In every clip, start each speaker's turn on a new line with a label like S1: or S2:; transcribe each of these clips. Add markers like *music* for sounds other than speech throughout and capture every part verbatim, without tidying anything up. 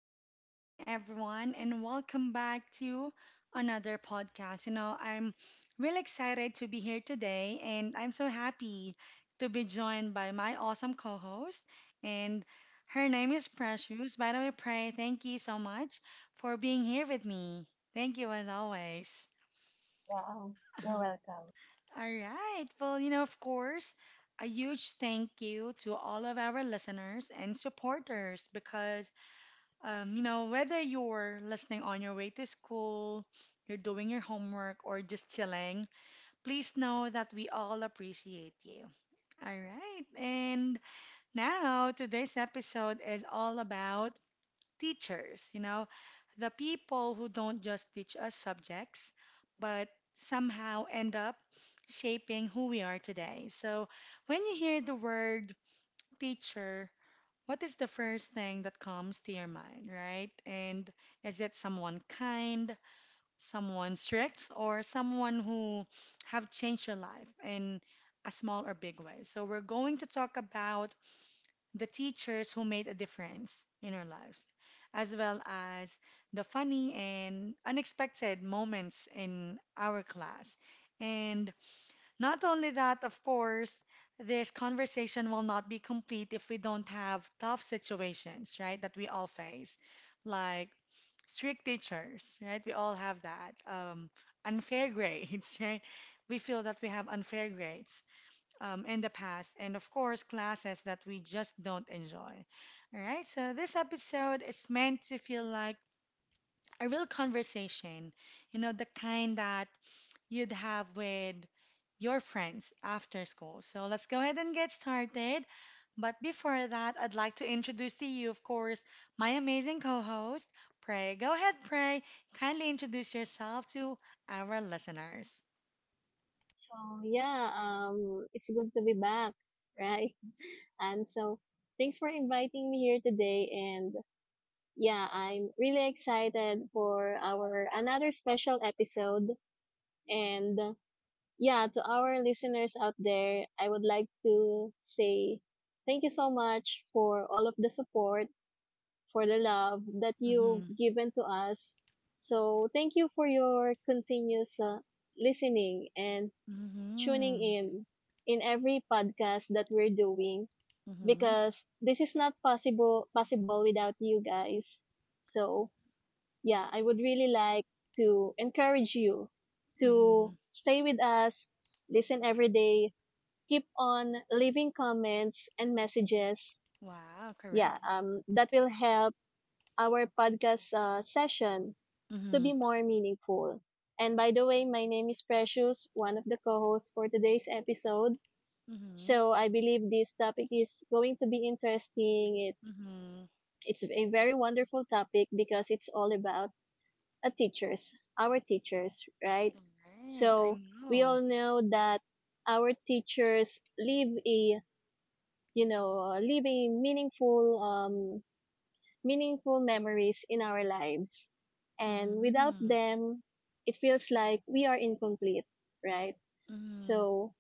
S1: good morning, everyone, and welcome back to another podcast. You know, I'm really excited to be here today, and I'm so happy to be joined by my awesome co host. And her name is Precious. By the way, Pray, thank you so much for being here with me. Thank you, as always.
S2: Yeah, um, you're welcome.
S1: *laughs* All right. Well, you know, of course, a huge thank you to all of our listeners and supporters because um, you know, whether you're listening on your way to school, you're doing your homework, or just chilling, please know that we all appreciate you. All right. And now today's episode is all about teachers, you know, the people who don't just teach us subjects, but somehow end up shaping who we are today. So when you hear the word teacher, what is the first thing that comes to your mind, right? And is it someone kind, someone strict, or someone who have changed your life in a small or big way? So we're going to talk about the teachers who made a difference in our lives, as well as the funny and unexpected moments in our class. And not only that, of course, this conversation will not be complete if we don't have tough situations, right, that we all face, like strict teachers, right? We all have that. Um, unfair *laughs* grades, right? We feel that we have unfair grades um, in the past, and of course, classes that we just don't enjoy. All right, so this episode is meant to feel like a real conversation, you know, the kind that you'd have with your friends after school. So let's go ahead and get started. But before that, I'd like to introduce to you, of course, my amazing co host, Prey. Go ahead, Prey. Kindly introduce yourself to our listeners.
S2: So yeah, um, it's good to be back, *laughs* right? And so Thanks for inviting me here today. And yeah, I'm really excited for our another special episode. And yeah, to our listeners out there, I would like to say thank you so much for all of the support, for the love that you've
S1: Mm-hmm.
S2: given to us. So thank you for your continuous uh, listening and tuning
S1: Mm-hmm.
S2: in in every podcast that we're doing
S1: Mm-hmm.
S2: because this is not possible possible without you guys. So, yeah, I would really like to encourage you
S1: Mm-hmm.
S2: to stay with us, listen every day, keep on leaving comments and messages.
S1: Wow,
S2: Yeah,
S1: correct.
S2: um that will help our podcast uh, session to
S1: Mm-hmm.
S2: be more meaningful. And by the way, my name is Precious, one of the co-hosts for today's episode.
S1: Mm-hmm.
S2: So I believe this topic is going to be interesting. It's
S1: Mm-hmm.
S2: it's a very wonderful topic because it's all about a teachers, our teachers, right?
S1: All right. I
S2: So we
S1: know.
S2: all know that our teachers leave a you know leave a meaningful um meaningful memories in our lives, and without
S1: Mm-hmm.
S2: them, it feels like we are incomplete, right?
S1: Mm-hmm.
S2: So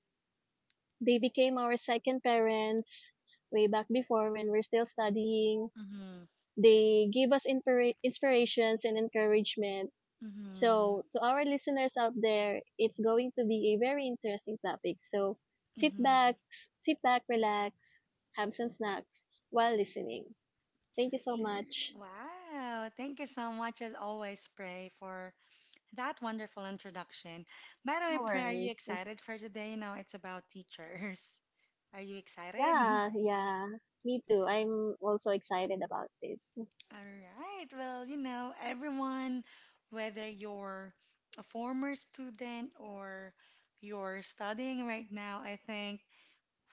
S2: they became our second parents way back before when we're still studying.
S1: Mm-hmm.
S2: They give us inspira- inspirations and encouragement.
S1: Mm-hmm.
S2: So, to our listeners out there, it's going to be a very interesting topic. So, sit
S1: Mm-hmm.
S2: back, sit back, relax, have some snacks while listening. Thank you so much.
S1: Wow, thank you so much as always, Pray, for that wonderful introduction. By the way,
S2: No
S1: Pray, are you
S2: worries.
S1: excited for today? You know, it's about teachers. *laughs* Are you excited? *laughs*
S2: Yeah, yeah. Me too. I'm also excited about this.
S1: All right, well, you know, everyone, whether you're a former student or you're studying right now, I think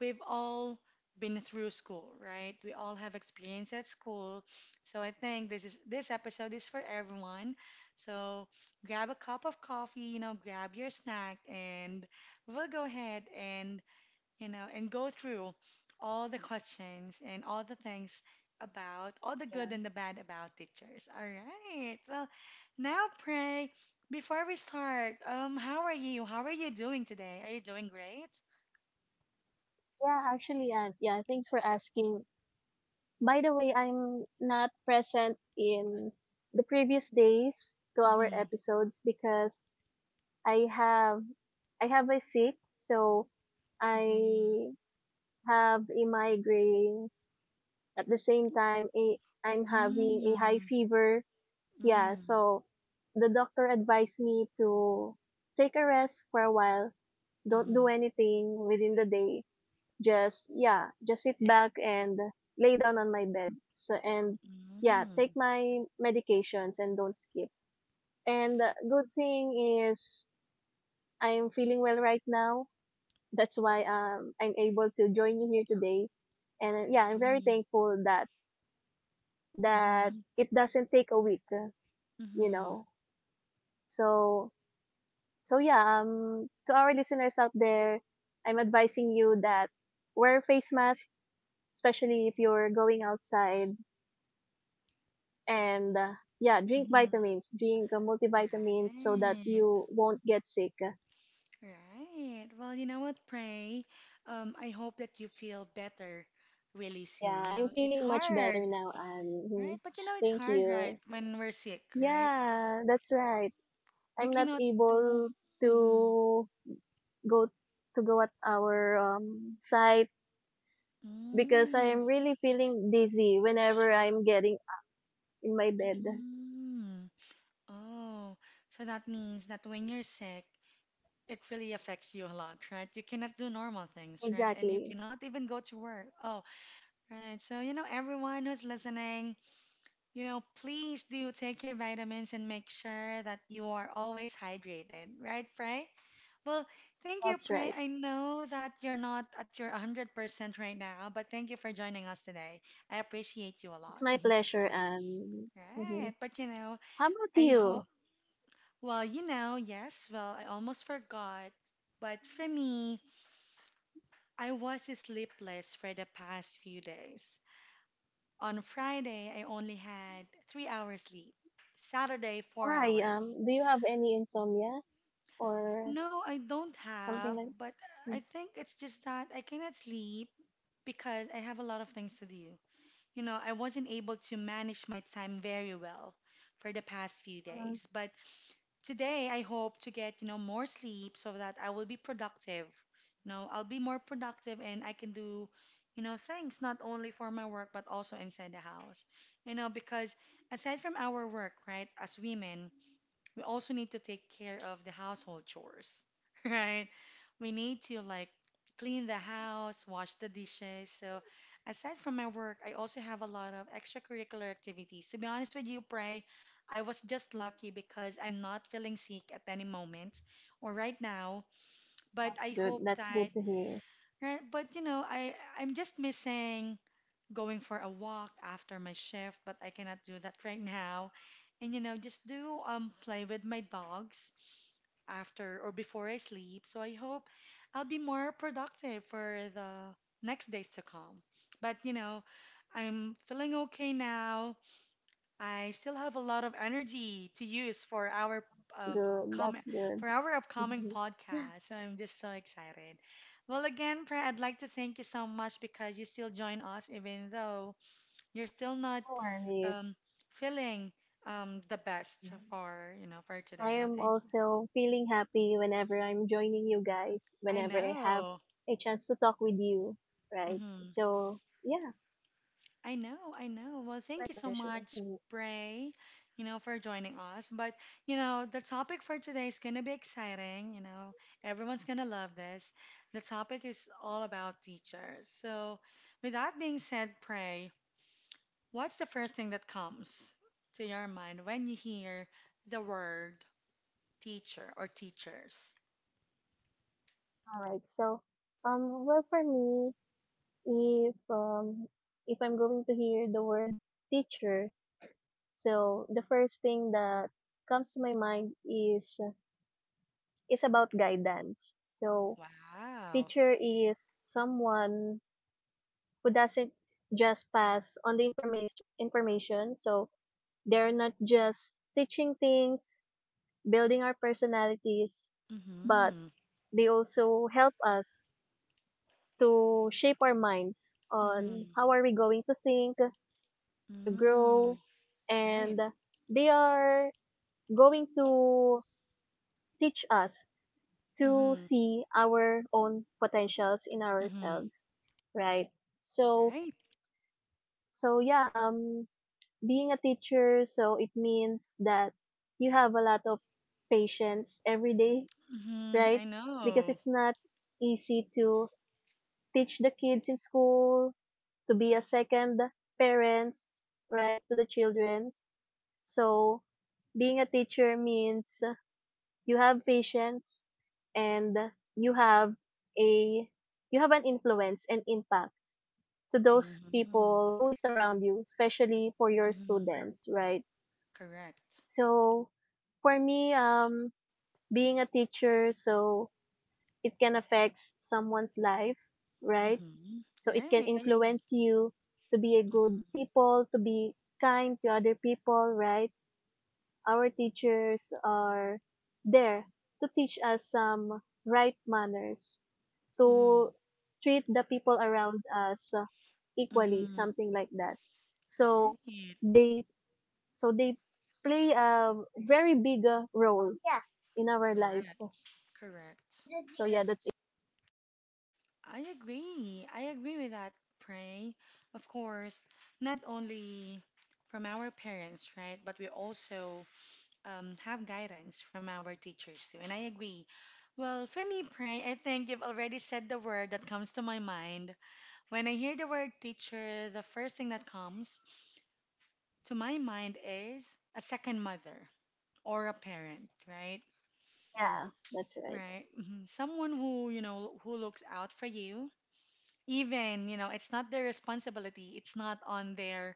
S1: we've all been through school, right? We all have experience at school. So I think this is this episode is for everyone. So grab a cup of coffee, you know, grab your snack and we'll go ahead and, you know, and go through all the questions and all the things about all the
S2: Yeah.
S1: good and the bad about teachers. All right. Well, now pray before we start, um, how are you? How are you doing today? Are you doing great?
S2: Yeah, actually, and yeah, thanks for asking. By the way, I'm not present in the previous days to our
S1: Mm-hmm.
S2: episodes because I have I have a sick, so
S1: Mm-hmm.
S2: I have a migraine. At the same time, a, I'm having a high
S1: Mm,
S2: fever. Yeah,
S1: mm,
S2: so the doctor advised me to take a rest for a while. Don't do
S1: mhm,
S2: anything within the day. Just yeah, just sit back and lay down on my bed. So, and yeah,
S1: mm,
S2: take my medications and don't skip. And uh, good thing is I'm feeling well right now. That's why um I'm able to join you here today. And uh, yeah, I'm very
S1: mhm,
S2: thankful that that
S1: mhm,
S2: it doesn't take a week, uh, you
S1: mhm,
S2: know. So so yeah, um to our listeners out there, I'm advising you that wear face mask, especially if you're going outside and uh, yeah, drink
S1: mhm.
S2: vitamins, drink uh, multivitamins so that
S1: Right,
S2: you won't get sick.
S1: right. Well, you know what, Pray? Um, I hope that you feel better really
S2: Yeah,
S1: soon. You know,
S2: I'm
S1: it's
S2: feeling much
S1: hard,
S2: better now. And
S1: right?
S2: mm,
S1: But you know, it's
S2: thank
S1: hard, right?
S2: you.
S1: When we're sick, right?
S2: Yeah, that's right.
S1: We
S2: I'm not
S1: cannot do.
S2: able
S1: Mm-hmm.
S2: to go to go at our um, site because I
S1: Mm,
S2: am really feeling dizzy whenever I'm getting in my bed.
S1: mm. Oh, so that means that when you're sick, it really affects you a lot, right? You cannot do normal things, right? And you
S2: Exactly.
S1: cannot even go to work. Oh, right. So, you know, everyone who's listening, you know, please do take your vitamins and make sure that you are always hydrated, right, Prey? Well, thank you,
S2: That's
S1: Prey.
S2: right.
S1: I know that you're not at your one hundred percent right now, but thank you for joining us today. I appreciate you a lot.
S2: It's my
S1: *laughs*
S2: pleasure. And mhm.
S1: Right. But, you know,
S2: How about
S1: I
S2: you?
S1: hope, well, you know, yes, well, I almost forgot. But for me, I was sleepless for the past few days. On Friday, I only had three hours sleep. Saturday, four
S2: why
S1: hours.
S2: um do you have any insomnia or
S1: No, I don't
S2: something
S1: have,
S2: like...
S1: but I think it's just that I cannot sleep because I have a lot of things to do. You know, I wasn't able to manage my time very well for the past few
S2: Mm.
S1: days, but today I hope to get, you know, more sleep so that I will be productive. You know, I'll be more productive and I can do, you know, things not only for my work but also inside the house. You know, because aside from our work, right, as women, we also need to take care of the household chores, *laughs* right? We need to like clean the house, wash the dishes. So aside from my work, I also have a lot of extracurricular activities. To be honest with you, Pray, I was just lucky because I'm not feeling sick at any moment or right now, but I
S2: That's good.
S1: hope
S2: That's
S1: that
S2: good to hear.
S1: right, but you know, I I'm just missing going for a walk after my shift, but I cannot do that right now. And you know, just do um play with my dogs after or before I sleep. So I hope I'll be more productive for the next days to come. But you know, I'm feeling okay now. I still have a lot of energy to use for our
S2: That's
S1: um,
S2: good.
S1: comment
S2: That's good.
S1: for our upcoming
S2: Mhm.
S1: podcast.
S2: *laughs*
S1: So I'm just so excited. Well, again, Pre, I'd like to thank you so much because you still join us, even though you're still not
S2: No
S1: um,
S2: worries.
S1: feeling um, the best
S2: Yeah.
S1: for you know for
S2: I
S1: today. Well,
S2: am
S1: thank you.
S2: also feeling happy whenever I'm joining you guys,
S1: I
S2: whenever I have
S1: know.
S2: a chance to talk with you, right?
S1: Hmm
S2: So, yeah,
S1: I know, I know. Well,
S2: it's
S1: thank
S2: my
S1: you so
S2: pleasure.
S1: much,
S2: Mm.
S1: Bray, you know, for joining us. But, you know, the topic for today is going to be exciting. You know, everyone's going to love this. The topic is all about teachers. So, with that being said, Bray, what's the first thing that comes to your mind when you hear the word teacher or teachers?
S2: All right. So, um, well, for me, if um, if I'm going to hear the word teacher, so the first thing that comes to my mind is is about guidance. So
S1: Wow.
S2: teacher is someone who doesn't just pass on the information information. So they're not just teaching things, building our personalities, but
S1: Mm-hmm.
S2: they also help us to shape our minds on
S1: Mm-hmm.
S2: how are we going to think, to
S1: Mm-hmm.
S2: grow,
S1: Right.
S2: and they are going to teach us to
S1: Mm-hmm.
S2: see our own potentials in
S1: Mm-hmm.
S2: ourselves, right? So,
S1: Right.
S2: so yeah, um, being a teacher, so it means that you have a lot of patience every day,
S1: Mm-hmm.
S2: right?
S1: I
S2: Because
S1: know.
S2: it's not easy to teach the kids in school, to be a second parents, right, to the children. So, being a teacher means you have patience and you have a you have an influence and impact to those
S1: Mm-hmm.
S2: people who is around you, especially for your
S1: Mm-hmm.
S2: students, right?
S1: Correct.
S2: So for me, um, being a teacher, so it can affect someone's lives, right?
S1: Mm-hmm.
S2: So it can
S1: Right. I agree.
S2: influence you to be a
S1: Mm-hmm.
S2: good people, to be kind to other people, right? Our teachers are there to teach us some right manners,
S1: Mm-hmm.
S2: to treat the people around us uh, equally,
S1: Mm-hmm.
S2: something like that. So
S1: Right.
S2: they so they play a very big uh, role in our life.
S1: Correct. Correct.
S2: So yeah, that's it.
S1: I agree. I agree with that, Pray. Of course, not only from our parents, right? But we also um, have guidance from our teachers too. And I agree. Well, for me, Pray, I think you've already said the word that comes to my mind. When I hear the word teacher, the first thing that comes to my mind is a second mother or a parent, right?
S2: Yeah, that's right.
S1: Right. Mhm. Someone who, you know, who looks out for you. Even, you know, it's not their responsibility, it's not on their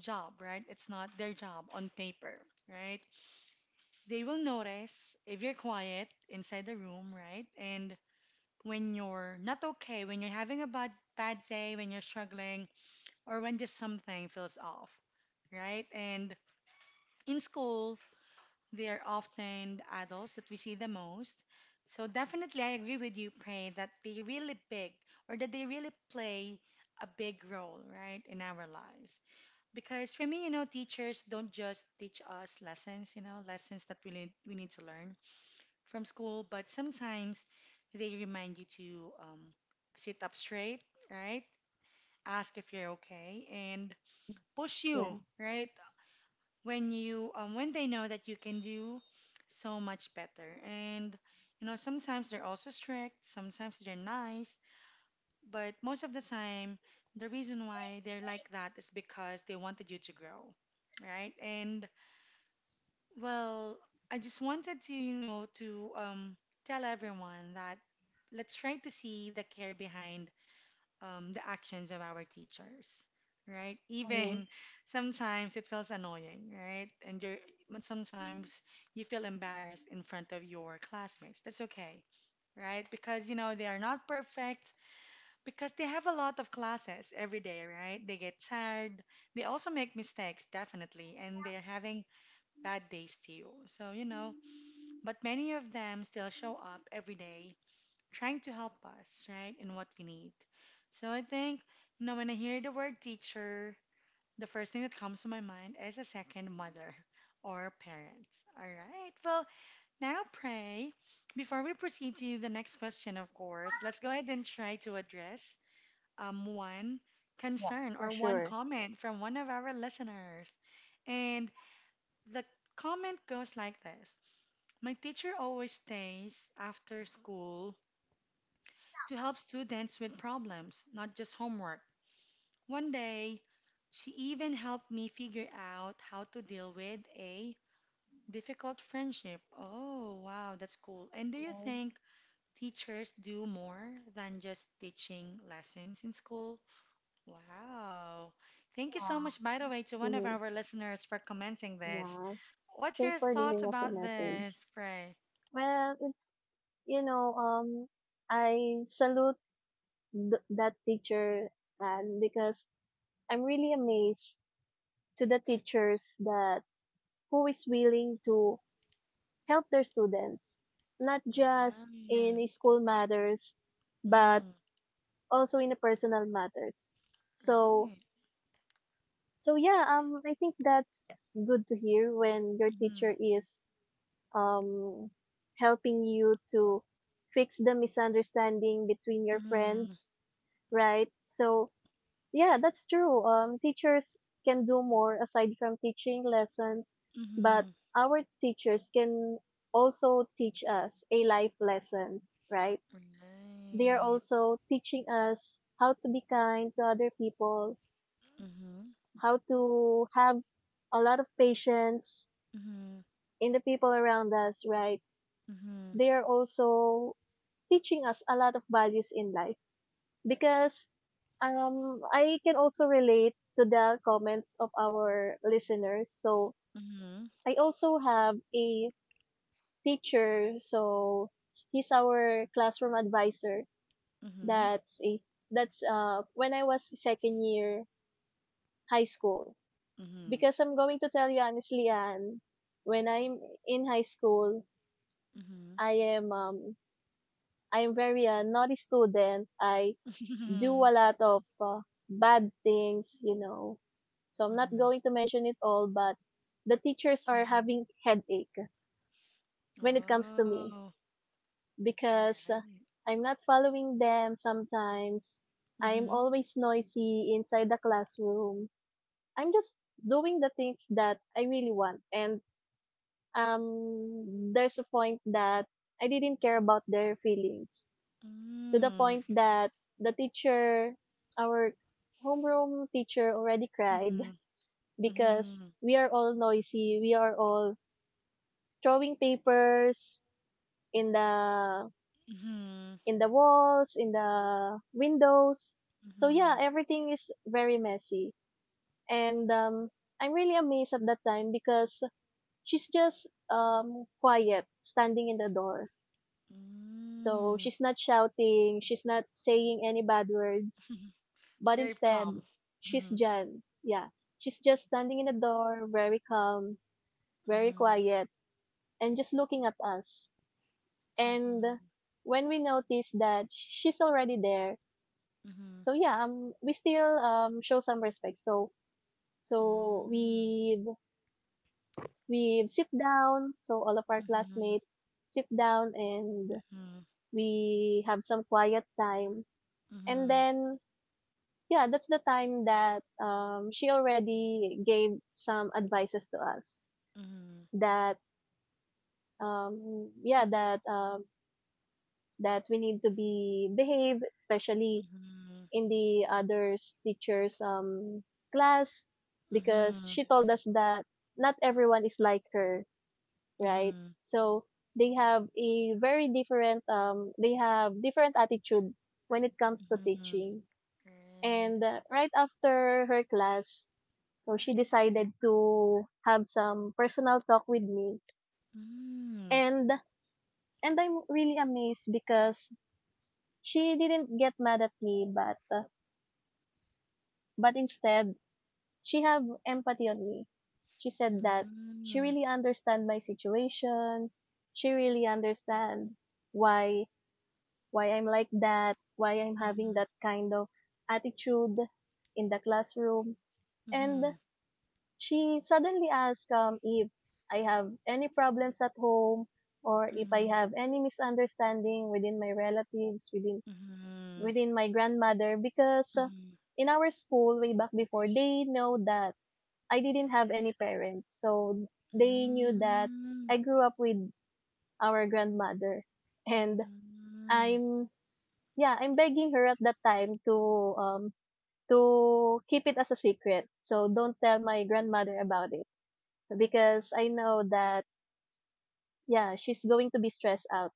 S1: job, right? It's not their job on paper, right? They will notice if you're quiet inside the room, right? And when you're not okay, when you're having a bad bad day, when you're struggling, or when just something feels off, right? And in school, they are often the adults that we see the most. So definitely, I agree with you, Pray, that they really big or that they really play a big role, right, in our lives. Because for me, you know, teachers don't just teach us lessons, you know, lessons that we need, we need to learn from school, but sometimes they remind you to um, sit up straight, right, ask if you're okay, and
S2: Mm-hmm.
S1: push you,
S2: Yeah.
S1: right, when you um, when they know that you can do so much better. And you know sometimes they're also strict, sometimes they're nice, but most of the time the reason why they're like that is because they wanted you to grow, right? And well, I just wanted to, you know, to um, tell everyone that let's try to see the care behind um, the actions of our teachers, right?
S2: Mm-hmm.
S1: Even sometimes it feels annoying, right? And you're, but sometimes you feel embarrassed in front of your classmates. That's okay, right? Because, you know, they are not perfect because they have a lot of classes every day, right? They get tired. They also make mistakes, definitely, and they're having bad days too. So, you know, but many of them still show up every day trying to help us, right, in what we need. So I think, you know, when I hear the word teacher, the first thing that comes to my mind is a second mother *laughs* or parents. All right. Well, now, Pray, before we proceed to the next question, of course, let's go ahead and try to address um, one
S2: Yeah,
S1: concern or
S2: for
S1: one
S2: sure.
S1: comment from one of our listeners. And the comment goes like this. My teacher always stays after school to help students with problems, not just homework. One day, she even helped me figure out how to deal with a difficult friendship. Oh, wow, that's cool. And do you think teachers do more than just teaching lessons in school? Wow. Thank you so much, by the way, to one of
S2: Hmm.
S1: our listeners for commenting this.
S2: Yeah.
S1: What's
S2: Thanks
S1: your
S2: for
S1: thoughts
S2: leaving us a
S1: about
S2: message.
S1: this, Pray?
S2: Well, it's you know, um, I salute th- that teacher, and because I'm really amazed to the teachers that who is willing to help their students, not just in
S1: Right.
S2: school matters, but
S1: Mm,
S2: also in the personal matters. So,
S1: right.
S2: so yeah, um, I think that's good to hear when your
S1: Mm-hmm.
S2: teacher is um helping you to fix the misunderstanding between your
S1: Mm-hmm.
S2: friends, right? So yeah, that's true. Um, teachers can do more aside from teaching lessons, but
S1: Mm-hmm.
S2: our teachers can also teach us a life lessons, right? They are
S1: Right.
S2: also teaching us how to be kind to other people,
S1: Mhm.
S2: how to have a lot of patience
S1: Mhm.
S2: in the people around us, right?
S1: Mhm.
S2: They are also teaching us a lot of values in life because um I can also relate to the comments of our listeners. So
S1: Mhm.
S2: I also have a teacher, so he's our classroom advisor.
S1: Mhm.
S2: That's a that's uh when I was second year high school.
S1: Mhm.
S2: Because I'm going to tell you honestly, Anne, when I'm in high school,
S1: Mhm.
S2: I am um I'm very a naughty student. I do a lot of uh, bad things, you know. So
S1: Mhm.
S2: I'm
S1: Mhm.
S2: not
S1: Mhm. *laughs*
S2: going to mention it all, but the teachers are having headache when it comes to me
S1: Oh. All
S2: because uh,
S1: right.
S2: I'm not following them sometimes. I'm
S1: Mhm.
S2: always noisy inside the classroom. I'm just doing the things that I really want, and um there's a point that I didn't care about their feelings to the
S1: Mm.
S2: point that the teacher our homeroom teacher already cried
S1: Mhm.
S2: *laughs* because
S1: Mhm.
S2: we are all noisy, we are all throwing papers in the
S1: Mhm.
S2: in the walls, in the windows. So yeah,
S1: Mhm.
S2: everything is very messy. And um I'm really amazed at that time because she's just um quiet standing in the door. So
S1: Mm.
S2: she's not shouting, she's not saying any bad words, but
S1: Very
S2: instead
S1: calm.
S2: she's
S1: Mhm.
S2: Jan. Yeah. She's just standing in the door, very calm, very
S1: Mhm.
S2: quiet, and just looking at us. And
S1: Mhm.
S2: when we notice that she's already there,
S1: Mhm.
S2: so yeah, um we still um show some respect, so so
S1: Mm.
S2: we we sit down, so all of our
S1: Mhm.
S2: classmates sit down, and
S1: Mhm.
S2: we have some quiet time, and then yeah, that's the time that um she already gave some advices to us
S1: Mhm. Mhm.
S2: that um yeah that um that we need to be behave, especially in the others teacher's um class, because
S1: Mhm.
S2: she told us that not everyone is like her, right?
S1: Mhm.
S2: So they have a very different um they have different attitude when it comes to
S1: Mhm. Mhm.
S2: teaching.
S1: Right.
S2: And uh, right after her class, so she decided to have some personal talk with me.
S1: Mm.
S2: And and I'm really amazed because she didn't get mad at me, but uh, but instead she have empathy on me. She said that she
S1: Mm.
S2: really understand my situation. She really understand why why I'm like that, why I'm having that
S1: Mhm.
S2: kind of attitude in the classroom. And
S1: Mhm.
S2: she suddenly asked um, if I have any problems at home or if I
S1: Mhm.
S2: have any misunderstanding within my relatives, within
S1: Mhm.
S2: within my grandmother, because uh,
S1: Mhm.
S2: in our school way back before they know that I didn't have any parents, so they knew that
S1: Mm.
S2: I grew up with our grandmother, and
S1: Mm.
S2: I'm yeah, I'm begging her at that time to um to keep it as a secret. So don't tell my grandmother about it because I know that yeah, she's going to be stressed out.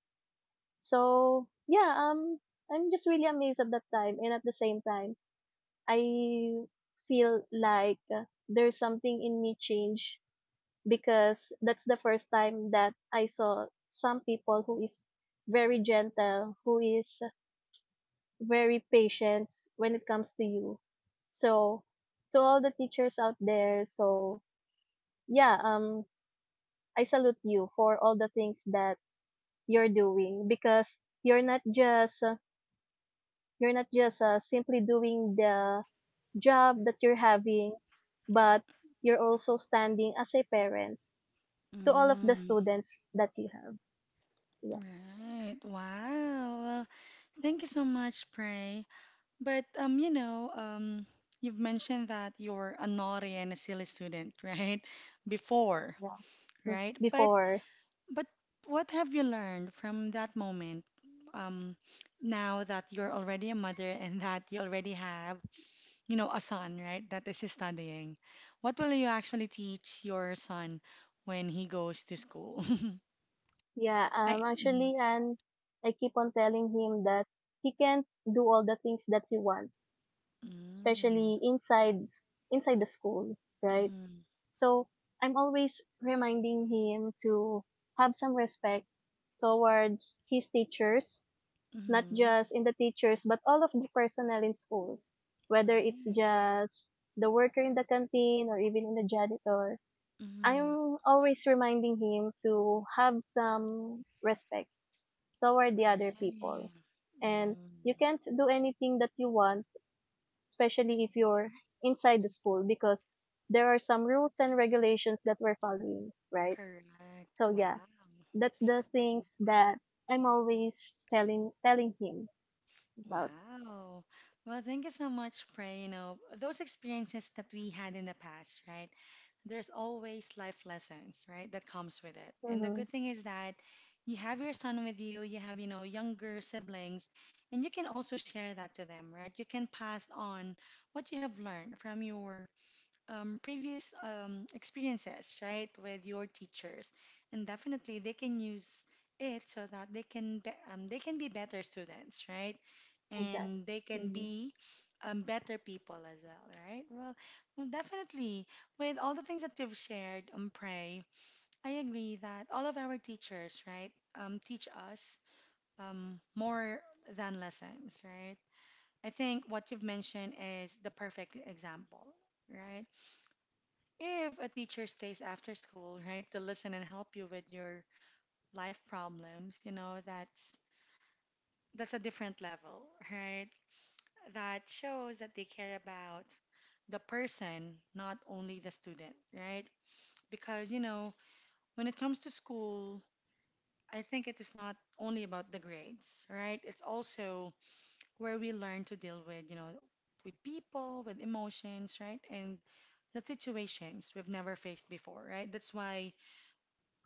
S2: So yeah, um, I'm just really amazed at that time, and at the same time, I feel like uh, there's something in me change because that's the first time that I saw some people who is very gentle, who is very patient when it comes to you. So, to all the teachers out there, so yeah, um, I salute you for all the things that you're doing because you're not just uh, you're not just uh, simply doing the job that you're having, but you're also standing as a parent to all of the
S1: Mm.
S2: students that you have. Yeah.
S1: Right. Wow. Well, thank you so much, Prey. But um, you know, um, you've mentioned that you're a naughty and a silly student, right? Before,
S2: Mm,
S1: right? But
S2: before.
S1: But what have you learned from that moment? Um, Now that you're already a mother and *laughs* that you already have, you know, a son, right? That is studying. What will you actually teach your son when he goes to school?
S2: Yeah,
S1: *laughs* I.
S2: um,
S1: Mm,
S2: actually, and I keep on telling him that he can't do all the things that he wants,
S1: mm,
S2: especially inside s- inside the school, right?
S1: mhm,
S2: So I'm always reminding him to have some respect towards his teachers, not
S1: mhm,
S2: just in the teachers, but all of the personnel in schools, whether it's
S1: right.
S2: just the worker in the canteen or even in the janitor.
S1: Mhm,
S2: I'm always reminding him to have some respect toward the other people.
S1: right.
S2: And you
S1: Mm,
S2: can't do anything that you want, especially if you're inside the school, because there are some rules and regulations that we're following, right?
S1: correct.
S2: So yeah,
S1: Wow.
S2: that's the things that I'm always telling telling him about.
S1: Wow. Well, thank you so much, Pray. You know, those experiences that we had in the past, right? There's always life lessons, right, that comes with it. And the
S2: Mm-hmm.
S1: good thing is that you have your son with you, you have, you know, younger siblings, and you can also share that to them, right? You can pass on what you have learned from your um, previous um, experiences, right, with your teachers. And definitely they can use it so that they can be, um, they can be better students, right?
S2: Exactly.
S1: And they can
S2: Mm-hmm.
S1: be um, better people as well, right? Well, well, definitely. With all the things that you've shared, um, Pray, I agree that all of our teachers, right, um, teach us um, more than lessons, right? I think what you've mentioned is the perfect example, right? If a teacher stays after school, right, to listen and help you with your life problems, you know, that's that's a different level, right? That shows that they care about the person, not only the student, right? Because, you know, when it comes to school, I think it is not only about the grades, right? It's also where we learn to deal with, you know, with people, with emotions, right? And the situations we've never faced before, right? That's why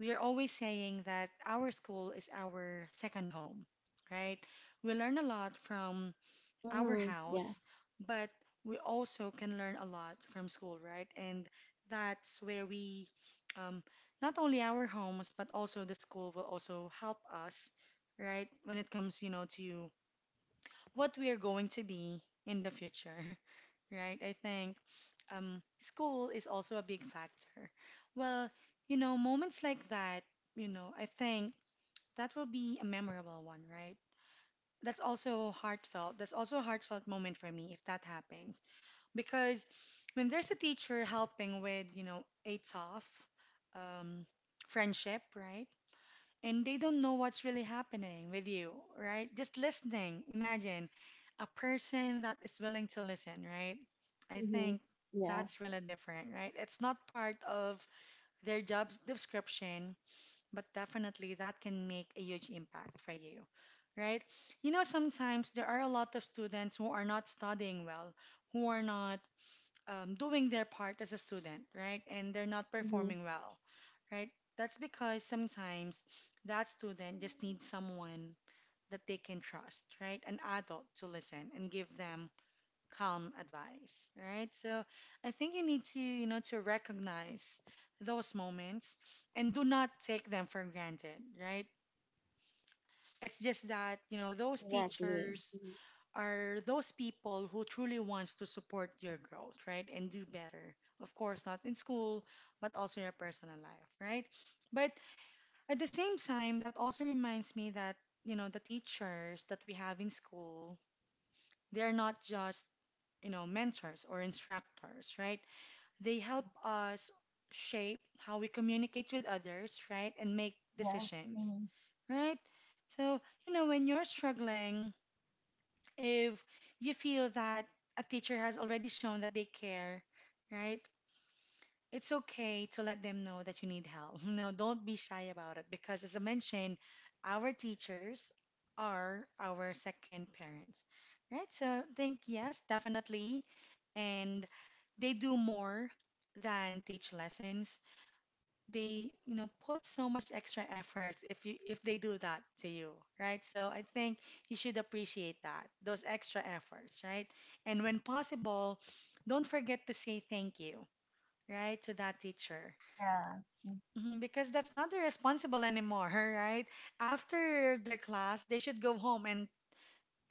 S1: we are always saying that our school is our second home, right? We learn a lot from our
S2: Mm-hmm. Yeah.
S1: house, but we also can learn a lot from school, right? And that's where we, um, not only our homes, but also the school will also help us, right? When it comes, you know, to what we are going to be in the future, *laughs* right? I think um, school is also a big factor. Well, you know, moments like that, you know, I think that will be a memorable one, right? That's also heartfelt. That's also a heartfelt moment for me if that happens. Because when there's a teacher helping with, you know, a tough um, friendship, right? And they don't know what's really happening with you, right? Just listening. Imagine a person that is willing to listen, right? I
S2: Mm-hmm.
S1: think
S2: Yeah.
S1: that's really different, right? It's not part of their job description, but definitely that can make a huge impact for you, right? You know, sometimes there are a lot of students who are not studying well, who are not um, doing their part as a student, right? And they're not
S2: Mm-hmm.
S1: performing well, right? That's because sometimes that student just needs someone that they can trust, right? An adult to listen and give them calm advice, right? So I think you need to, you know, to recognize those moments and do not take them for granted, right? It's just that, you know, those
S2: Exactly.
S1: teachers
S2: Mhm.
S1: are those people who truly wants to support your growth, right? And do better. Of course, not in school, but also your personal life, right? But at the same time, that also reminds me that, you know, the teachers that we have in school, they're not just, you know, mentors or instructors, right? They help us shape how we communicate with others, right? And make
S2: Yeah.
S1: decisions,
S2: Mm-hmm.
S1: right? So, you know, when you're struggling, if you feel that a teacher has already shown that they care, right? It's okay to let them know that you need help. *laughs* No, don't be shy about it because, as I mentioned, our teachers are our second parents, right? So I think yes, definitely, and they do more than teach lessons. They, you know, put so much extra efforts if you if they do that to you, right? So I think you should appreciate that, those extra efforts, right? And when possible, don't forget to say thank you, right, to that teacher. Mhm, because that's not their responsible anymore, *laughs* right? After their class they should go home and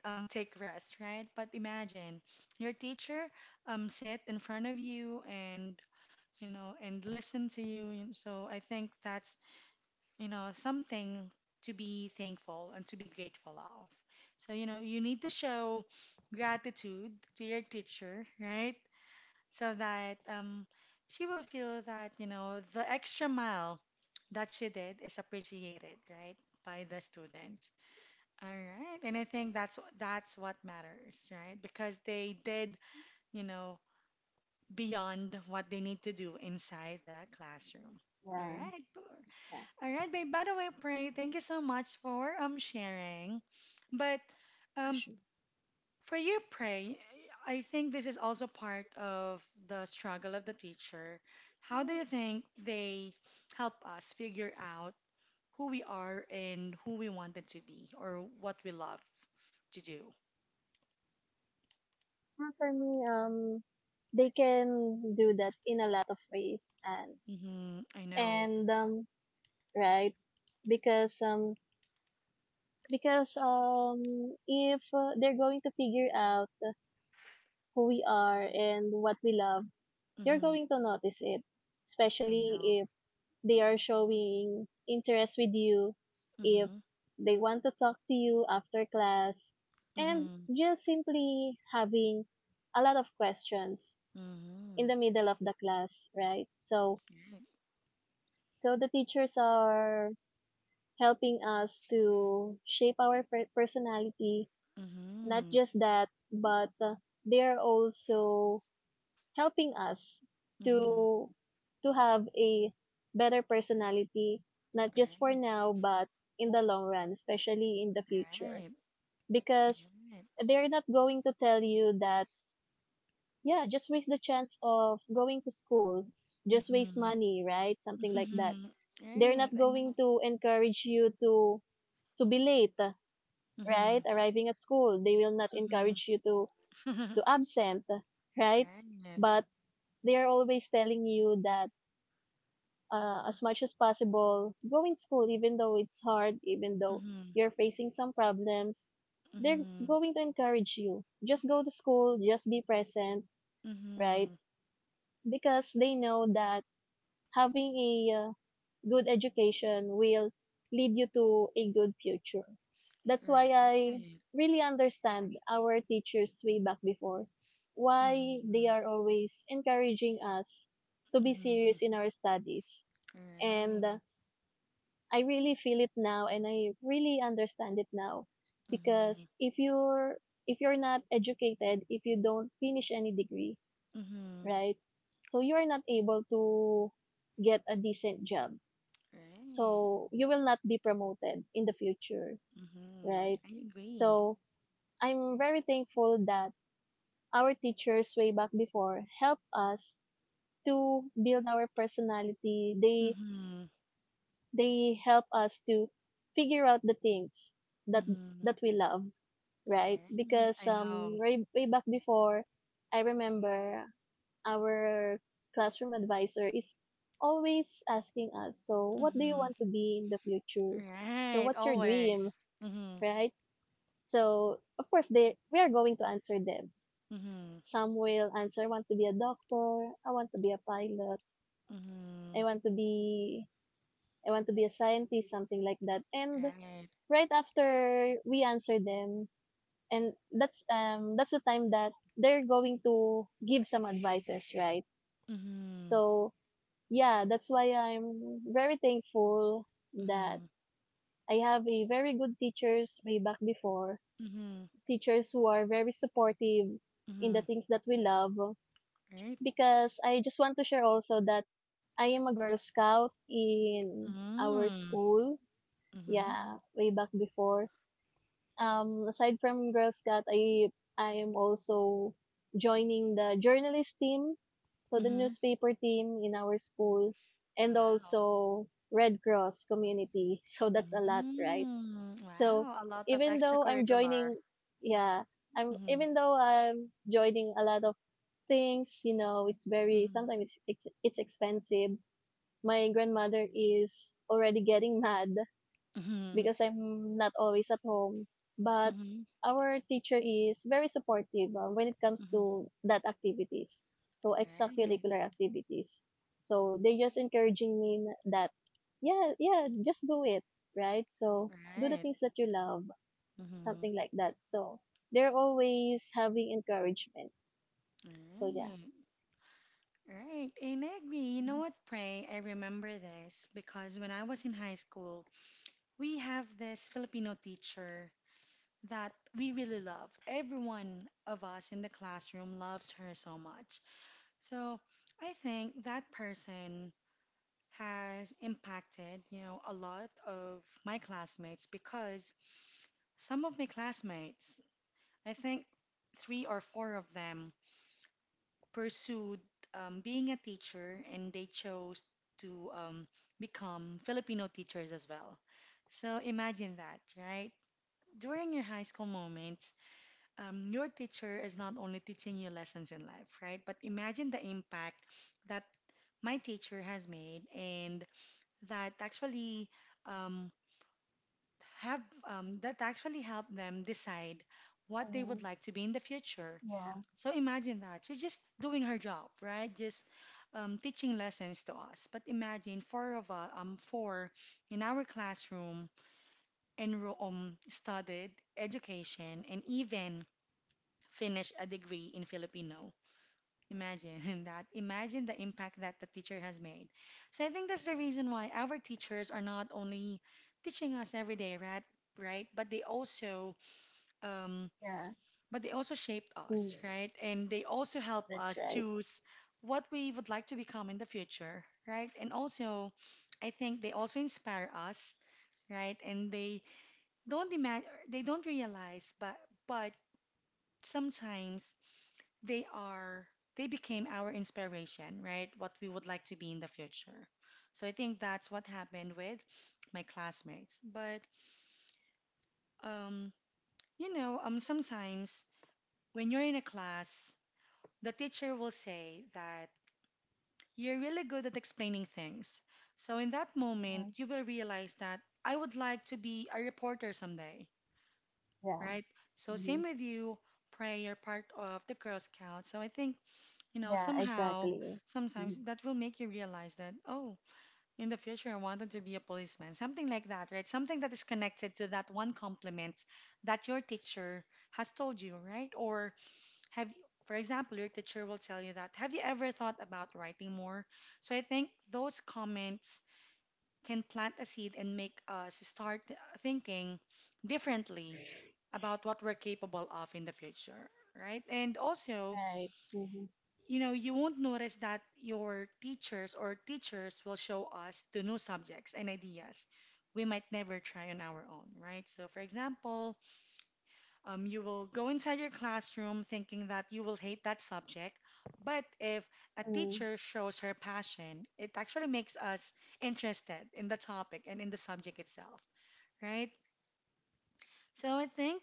S1: um, take rest, right? But imagine your teacher um sit in front of you and you know and listen to you, so I think that's, you know, something to be thankful and to be grateful of. So, you know, you need to show gratitude to your teacher, right? So that um, she will feel that, you know, the extra mile that she did is appreciated, right, by the students. All right. And I think that's that's what matters, right? Because they did, you know, beyond what they need to do inside the classroom. All
S2: Yeah.
S1: right.
S2: Yeah,
S1: All right, babe. By the way, Pray, thank you so much for um sharing. But
S2: for
S1: um
S2: sure.
S1: for you, Pray, I think this is also part of the struggle of the teacher. How do
S2: Well,
S1: you think they help us figure out who we are and who we wanted to be or what we love to do?
S2: for me, um, they can do that in a lot of ways, and
S1: Mm-hmm. I know.
S2: and um, right, because um, because um, if uh, they're going to figure out who we are and what we love, you're
S1: Mm-hmm.
S2: going to notice it,
S1: I
S2: especially if
S1: know.
S2: they are showing interest with you, if
S1: Mm-hmm.
S2: they want to talk to you after class, and
S1: Mm-hmm.
S2: just simply having a lot of questions in
S1: Mm-hmm.
S2: the middle of the class, right? So,
S1: Right.
S2: so the teachers are helping us to shape our per- personality. Not
S1: Mm-hmm.
S2: just that, but uh, they are also helping us
S1: Mm-hmm.
S2: to to have a better personality, not just for
S1: Right.
S2: now, but in the long run, especially in the future,
S1: Right.
S2: because
S1: Right.
S2: they're not going to tell you that yeah, just waste the chance of going to school just waste
S1: Mm-hmm.
S2: money, right? Something like that.
S1: Mm-hmm.
S2: They're
S1: Right,
S2: not
S1: I
S2: going
S1: know.
S2: to encourage you to to be late,
S1: Mm-hmm.
S2: right, arriving at school. They will not
S1: Mm-hmm.
S2: encourage you to to
S1: *laughs*
S2: absent, right,
S1: Right.
S2: but they are always telling you that uh, as much as possible go in school, even though it's hard, even though
S1: Mm-hmm.
S2: you're facing some problems, they're
S1: Mm-hmm.
S2: going to encourage you, just go to school, just be present, right?
S1: Mm-hmm.
S2: Because they know that having a uh, good education will lead you to a good future. That's why I
S1: Right.
S2: really understand our teachers way back before, why they
S1: Mm-hmm.
S2: are always encouraging us to be
S1: Mm-hmm.
S2: serious in our studies. And uh,
S1: Right.
S2: I really feel it now and I really understand it now
S1: Mm-hmm.
S2: because if you're if you're not educated, if you don't finish any degree,
S1: Mm-hmm.
S2: right? So you are not able to get a decent job
S1: Right.
S2: so you will not be promoted in the future,
S1: Mm-hmm.
S2: right?
S1: I agree.
S2: So I'm very thankful that our teachers way back before help us to build our personality. They
S1: Mm-hmm.
S2: they help us to figure out the things that
S1: Mm-hmm.
S2: that we love, right?
S1: Right.
S2: Because
S1: I know.
S2: um way, way back before, I remember our classroom advisor is always asking us, so what do you
S1: Mm-hmm.
S2: want to be in the future? So
S1: Right.
S2: what's your dream?
S1: Always. Mm-hmm.
S2: Right? So, of course, they we are going to answer them.
S1: Mm-hmm.
S2: Some will answer, I want to be a doctor, I want to be a pilot,
S1: Mm-hmm.
S2: I want to be I want to be a scientist, something like that. And
S1: Right.
S2: right after we answer them, and that's um that's the time that they're going to give some advices, right?
S1: Mm-hmm.
S2: So yeah, that's why I'm very thankful that
S1: Mm-hmm.
S2: I have a very good teachers way back before,
S1: Mm-hmm.
S2: teachers who are very supportive in
S1: Mm-hmm.
S2: the things that we love.
S1: Right?
S2: Because I just want to share also that I am a Girl Scout in our
S1: Mm.
S2: school.
S1: Mm-hmm.
S2: Yeah, way back before. Um, aside from Girl Scout, I I am also joining the journalist team, so the
S1: Mm-hmm.
S2: newspaper team in our school, and
S1: Wow.
S2: also Red Cross community. *laughs* So that's a lot, right?
S1: Mm.
S2: So,
S1: Wow. A lot of
S2: even though I'm
S1: extracurricular.
S2: joining, yeah, I'm
S1: Mm-hmm.
S2: even though I'm joining a lot of things, you know, it's very
S1: Mm-hmm.
S2: sometimes it's it's, it's expensive. My grandmother is already getting mad
S1: Mm-hmm.
S2: because I'm not always at home, but
S1: Mm-hmm.
S2: our teacher is very supportive uh, when it comes
S1: Mm-hmm.
S2: to that activities. So
S1: Right.
S2: extracurricular activities. So they're just encouraging me n- that yeah, yeah, just do it, right? So do the
S1: Right.
S2: things that you love,
S1: Mm-hmm.
S2: something like that. So they're always having encouragements. So yeah.
S1: Right. Right. And I agree. You know
S2: Mhm.
S1: what, Pray? I remember this because when I was in high school, we have this Filipino teacher that we really love. Everyone of us in the classroom loves her so much. So I think that person has impacted, you know, a lot of my classmates because some of my classmates, I think three or four of them, pursued um, being a teacher and they chose to um, become Filipino teachers as well. So imagine that, right? During your high school moments, um, your teacher is not only teaching you lessons in life, right? But imagine the impact that my teacher has made, and that actually um, have um, that actually helped them decide what they would like to be in the future. So imagine that she's just doing her job, right? Just um, teaching lessons to us. But imagine four of us, um, four in our classroom enroll, um, studied education and even finished a degree in Filipino. Imagine *laughs* that. Imagine the impact that the teacher has made. So I think that's the reason why our teachers are not only teaching us every day, right? Right? But they also, um,
S2: Yeah.
S1: but they also shaped
S2: Mm.
S1: us, right? And they also help
S2: That's
S1: us
S2: right.
S1: choose what we would like to become in the future, right? And also, I think they also inspire us, right? And they don't imagine, they don't realize, but but sometimes they are they became our inspiration, right? What we would like to be in the future. So I think that's what happened with my classmates. But um, you know, um, sometimes when you're in a class, the teacher will say that you're really good at explaining things. So in that moment, you will realize that I would like to be a reporter someday,
S2: Yeah.
S1: right? So
S2: Hmm.
S1: same with you, Pray, you're part of the Girl Scouts. So I think, you know,
S2: Yeah,
S1: somehow,
S2: exactly. Mhm.
S1: sometimes that will make you realize that, oh, in the future I wanted to be a policeman. Something like that, right? Something that is connected to that one compliment that your teacher has told you, right? Or have you, for example, your teacher will tell you that, have you ever thought about writing more? So I think those comments can plant a seed and make us start thinking differently about what we're capable of in the future, right? And also,
S2: Right. Hmm.
S1: you know, you won't notice that your teachers or teachers will show us the new subjects and ideas we might never try on our own, right? So, for example, um, you will go inside your classroom thinking that you will hate that subject, but if a
S2: Mm.
S1: teacher shows her passion, it actually makes us interested in the topic and in the subject itself, right? So I think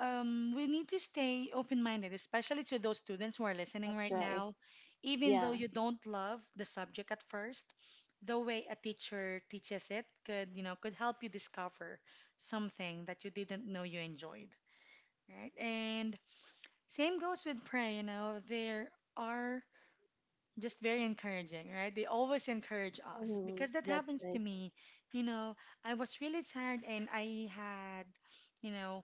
S1: um, we need to stay open-minded, especially to those students who are listening
S2: That's
S1: right
S2: right.
S1: now. Even though
S2: Yeah.
S1: you don't love the subject at first, the way a teacher teaches it could, you know, could help you discover something that you didn't know you enjoyed, right? And same goes with pray, you know, there are just very encouraging, right? They always encourage us
S2: Hmm.
S1: because that
S2: That's
S1: happens to
S2: right.
S1: me. You know, I was really tired and I had, you know,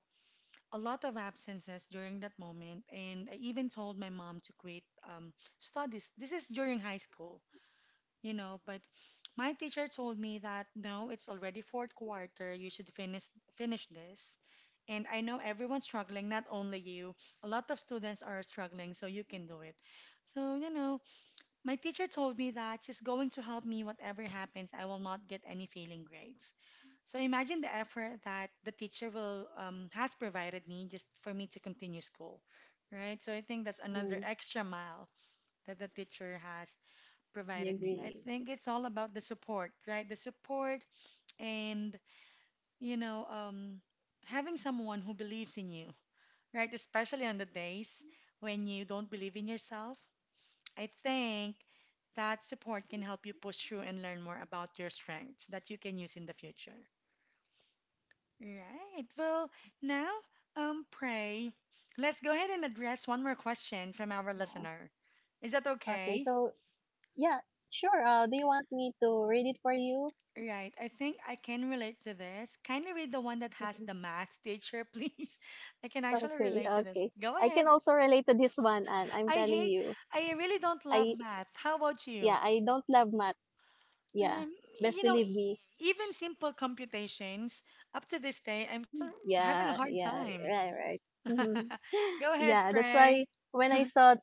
S1: a lot of absences during that moment, and I even told my mom to quit um, studies. This is during high school, you know, but my teacher told me that no, it's already fourth quarter, you should finish finish this. And I know everyone's struggling, not only you. A lot of students are struggling, so you can do it. So, you know, my teacher told me that she's going to help me whatever happens, I will not get any failing grades. So imagine the effort that the teacher will um, has provided me just for me to continue school, right? So I think that's
S2: Mm.
S1: another extra mile that the teacher has
S2: I
S1: provided me. I
S2: agree.
S1: think it's all about the support, right? The support and you know um, having someone who believes in you, right? Especially on the days when you don't believe in yourself. I think that support can help you push through and learn more about your strengths that you can use in the future. Right. Well, now, um, pray, let's go ahead and address one more question from our
S2: Yeah.
S1: listener. Is that
S2: Okay.
S1: okay?
S2: So yeah, sure. Uh, do you want me to read it for you?
S1: Right. I think I can relate to this. Kindly read the one that
S2: *laughs*
S1: has
S2: Mhm.
S1: the math teacher, please. *laughs* I can actually
S2: Okay,
S1: relate to this.
S2: okay.
S1: Go
S2: I can
S1: ahead.
S2: also relate to this one, and I'm
S1: I
S2: telling
S1: hate,
S2: you,
S1: I really don't love
S2: I
S1: math. How about you?
S2: yeah, I don't love math. Yeah,
S1: Um,
S2: best
S1: you know,
S2: believe
S1: e-
S2: me.
S1: even simple computations, up to this day, I'm still having a
S2: Yeah,
S1: hard
S2: yeah,
S1: time.
S2: right, right.
S1: *laughs*
S2: Hmm.
S1: Go ahead,
S2: Yeah, that's
S1: pray.
S2: why when I saw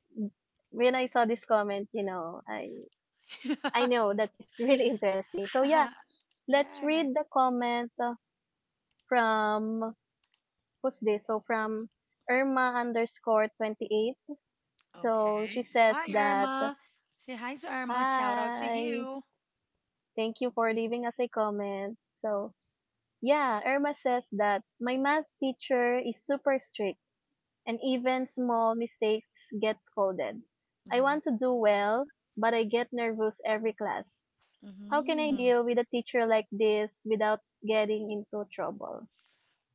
S2: when I saw this comment, you know, I I know that it's really *laughs* interesting. So yeah,
S1: *laughs*
S2: let's
S1: Right.
S2: read the comment uh, from who's this? So from Irma underscore twenty eight. So she
S1: Okay.
S2: says
S1: Hi,
S2: that,
S1: Irma. Say hi to Irma. Shout out to
S2: hi,
S1: you.
S2: thank you for leaving us a comment. So yeah, Irma says that my math teacher is super strict and even small mistakes get scolded. I
S1: Mm-hmm.
S2: want to do well, but I get nervous every class. How can I
S1: Mm-hmm.
S2: deal with a teacher like this without getting into trouble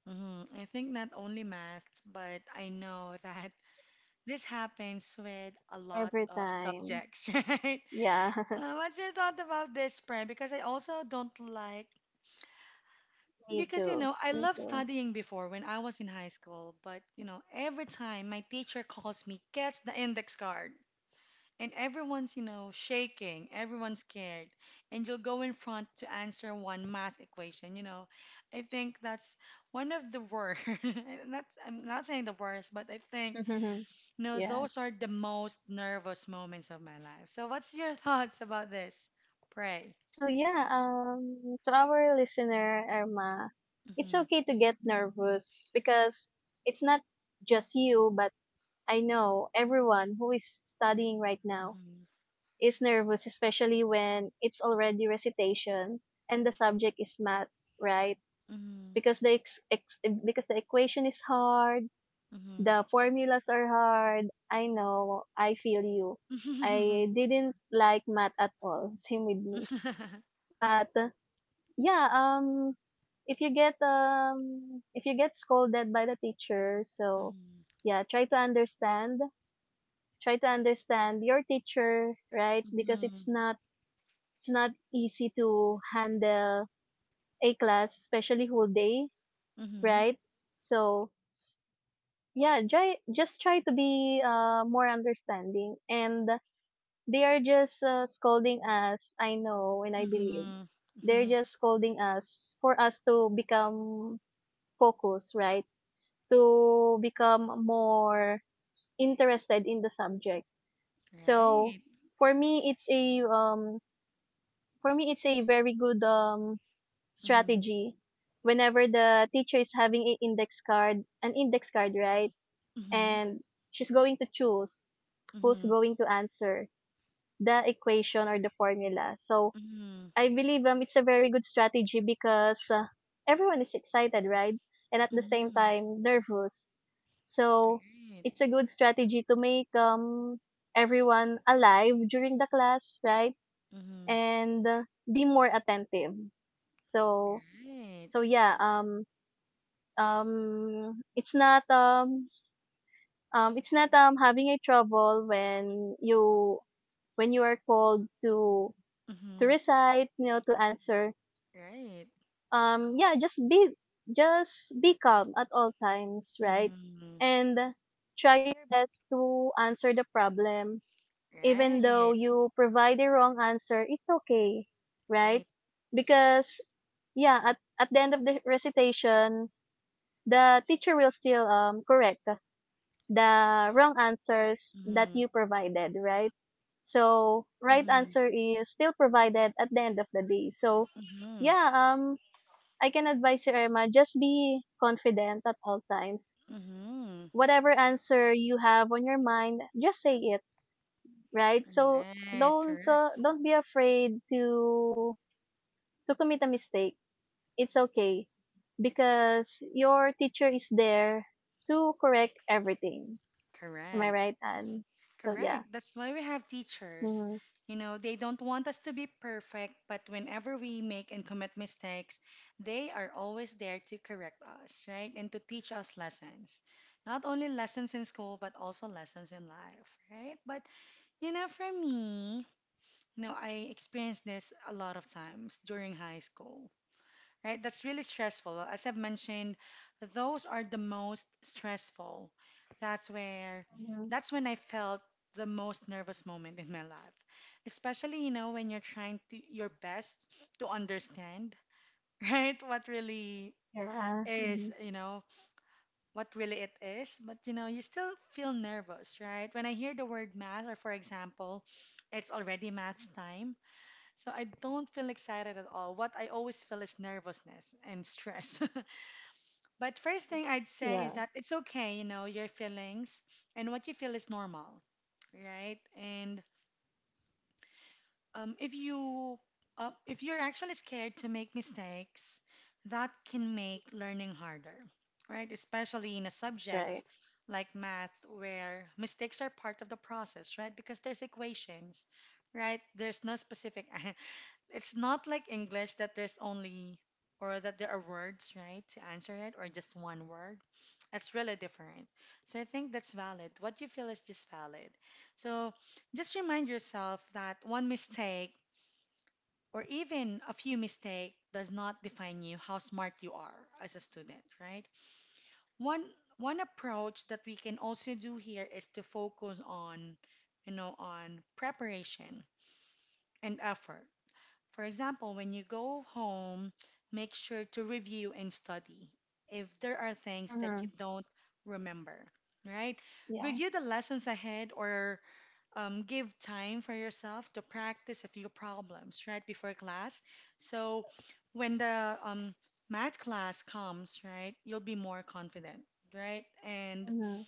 S1: Mm-hmm. I think not only math, but I know *laughs* that this happens with a lot
S2: every
S1: of
S2: time?
S1: subjects, *laughs* right?
S2: Yeah,
S1: Uh, what's your thought about this, Pre? Because I also don't like,
S2: *laughs* me
S1: because you
S2: too.
S1: know, I
S2: Me
S1: loved
S2: too.
S1: studying before when I was in high school, but you know, every time my teacher calls me, gets the index card, and everyone's, you know, shaking, everyone's scared, and you'll go in front to answer one math equation. You know, I think that's one of the worst. *laughs* And That's I'm not saying the worst, but I think,
S2: *laughs*
S1: you know,
S2: Yeah.
S1: those are the most nervous moments of my life. So, what's your thoughts about this? Pray.
S2: So yeah, um to our listener Irma, it's
S1: Mm-hmm.
S2: okay to get nervous because it's not just you, but I know everyone who is studying right now
S1: Mm-hmm.
S2: is nervous, especially when it's already recitation and the subject is math, right? Because the ex- ex- because the equation is hard,
S1: Mm-hmm.
S2: the formulas are hard. I know, I feel you. I
S1: Mm-hmm.
S2: didn't like math at all. *laughs* Same with me.
S1: *laughs*
S2: But uh, yeah, um, if you get um, if you get scolded by the teacher, so
S1: Mhm,
S2: yeah, try to understand. Try to understand your teacher, right? Because it's
S1: mhm,
S2: not It's not easy to handle a class, especially whole day,
S1: mhm,
S2: right? So yeah, try, just try to be uh, more understanding. And they are just uh, scolding us. I know and I believe
S1: mhm,
S2: they're
S1: mhm.
S2: just scolding us for us to become focused, right? To become more interested in the subject. So
S1: Right.
S2: for me, it's a um for me it's a very good um strategy whenever the teacher is having a index card, an index card, right?
S1: Mm-hmm.
S2: And she's going to choose who's
S1: Mm-hmm.
S2: going to answer the equation or the formula. So
S1: Mhm.
S2: I believe um, it's a very good strategy because uh, everyone is excited, right? And at the same
S1: Mhm.
S2: time nervous. So
S1: Right.
S2: it's a good strategy to make um everyone alive during the class, right?
S1: Mhm.
S2: And uh, be more attentive. So
S1: Right.
S2: so yeah, um, um, it's not um, um, it's not um having a trouble when you when you are called to to
S1: Mhm.
S2: recite, you know, to answer.
S1: Right.
S2: Um, yeah, just be just be calm at all times, right?
S1: Mhm.
S2: And try your best to answer the problem. Even though
S1: Right.
S2: you provide a wrong answer, it's okay, right?
S1: Right.
S2: Because yeah, at at the end of the recitation, the teacher will still um, correct the wrong answers that
S1: Mhm.
S2: you provided, right? So right
S1: Mhm.
S2: answer is still provided at the end of the day. So
S1: Mhm.
S2: yeah, um, I can advise you, Irma, just be confident at all times.
S1: Mhm.
S2: Whatever answer you have on your mind, just say it, right? So
S1: Right.
S2: don't uh,
S1: Correct.
S2: don't be afraid to to commit a mistake. It's okay because your teacher is there to correct everything. Am I
S1: Correct.
S2: right, Anne? So yeah.
S1: Correct. That's why we have teachers.
S2: Mm-hmm.
S1: You know, they don't want us to be perfect, but whenever we make and commit mistakes, they are always there to correct us, right? And to teach us lessons. Not only lessons in school, but also lessons in life, right? But, you know, for me, you know, I experienced this a lot of times during high school, right? That's really stressful. As I've mentioned, those are the most stressful. That's where,
S2: Hmm.
S1: that's when I felt the most nervous moment in my life. Especially, you know, when you're trying to your best to understand, *laughs* right? What really
S2: Yeah. Hmm.
S1: is, you know, what really it is. But, you know, you still feel nervous, right? When I hear the word math, or for example, it's already maths time. So I don't feel excited at all. What I always feel is nervousness and stress. *laughs* But first thing I'd say
S2: Yeah.
S1: is that it's okay, you know, your feelings and what you feel is normal, right? And um, if you uh, if you're actually scared to make mistakes, that can make learning harder, right? Especially in a
S2: That's
S1: subject
S2: right.
S1: like math, where mistakes are part of the process, right? Because there's equations, right? There's no specific *laughs* It's not like English that there's only or that there are words, right, to answer it or just one word. It's really different. So I think that's valid. What you feel is just valid. So just remind yourself that one mistake or even a few mistakes does not define you how smart you are as a student, right? One one approach that we can also do here is to focus on, you know, on preparation and effort, for example, when you go home, make sure to review and study if there are things that you
S2: Hmm.
S1: don't remember, right?
S2: Yeah.
S1: Review the lessons ahead or um, give time for yourself to practice a few problems, right, before class. So when the um, math class comes, right, you'll be more confident, right? And
S2: Hmm.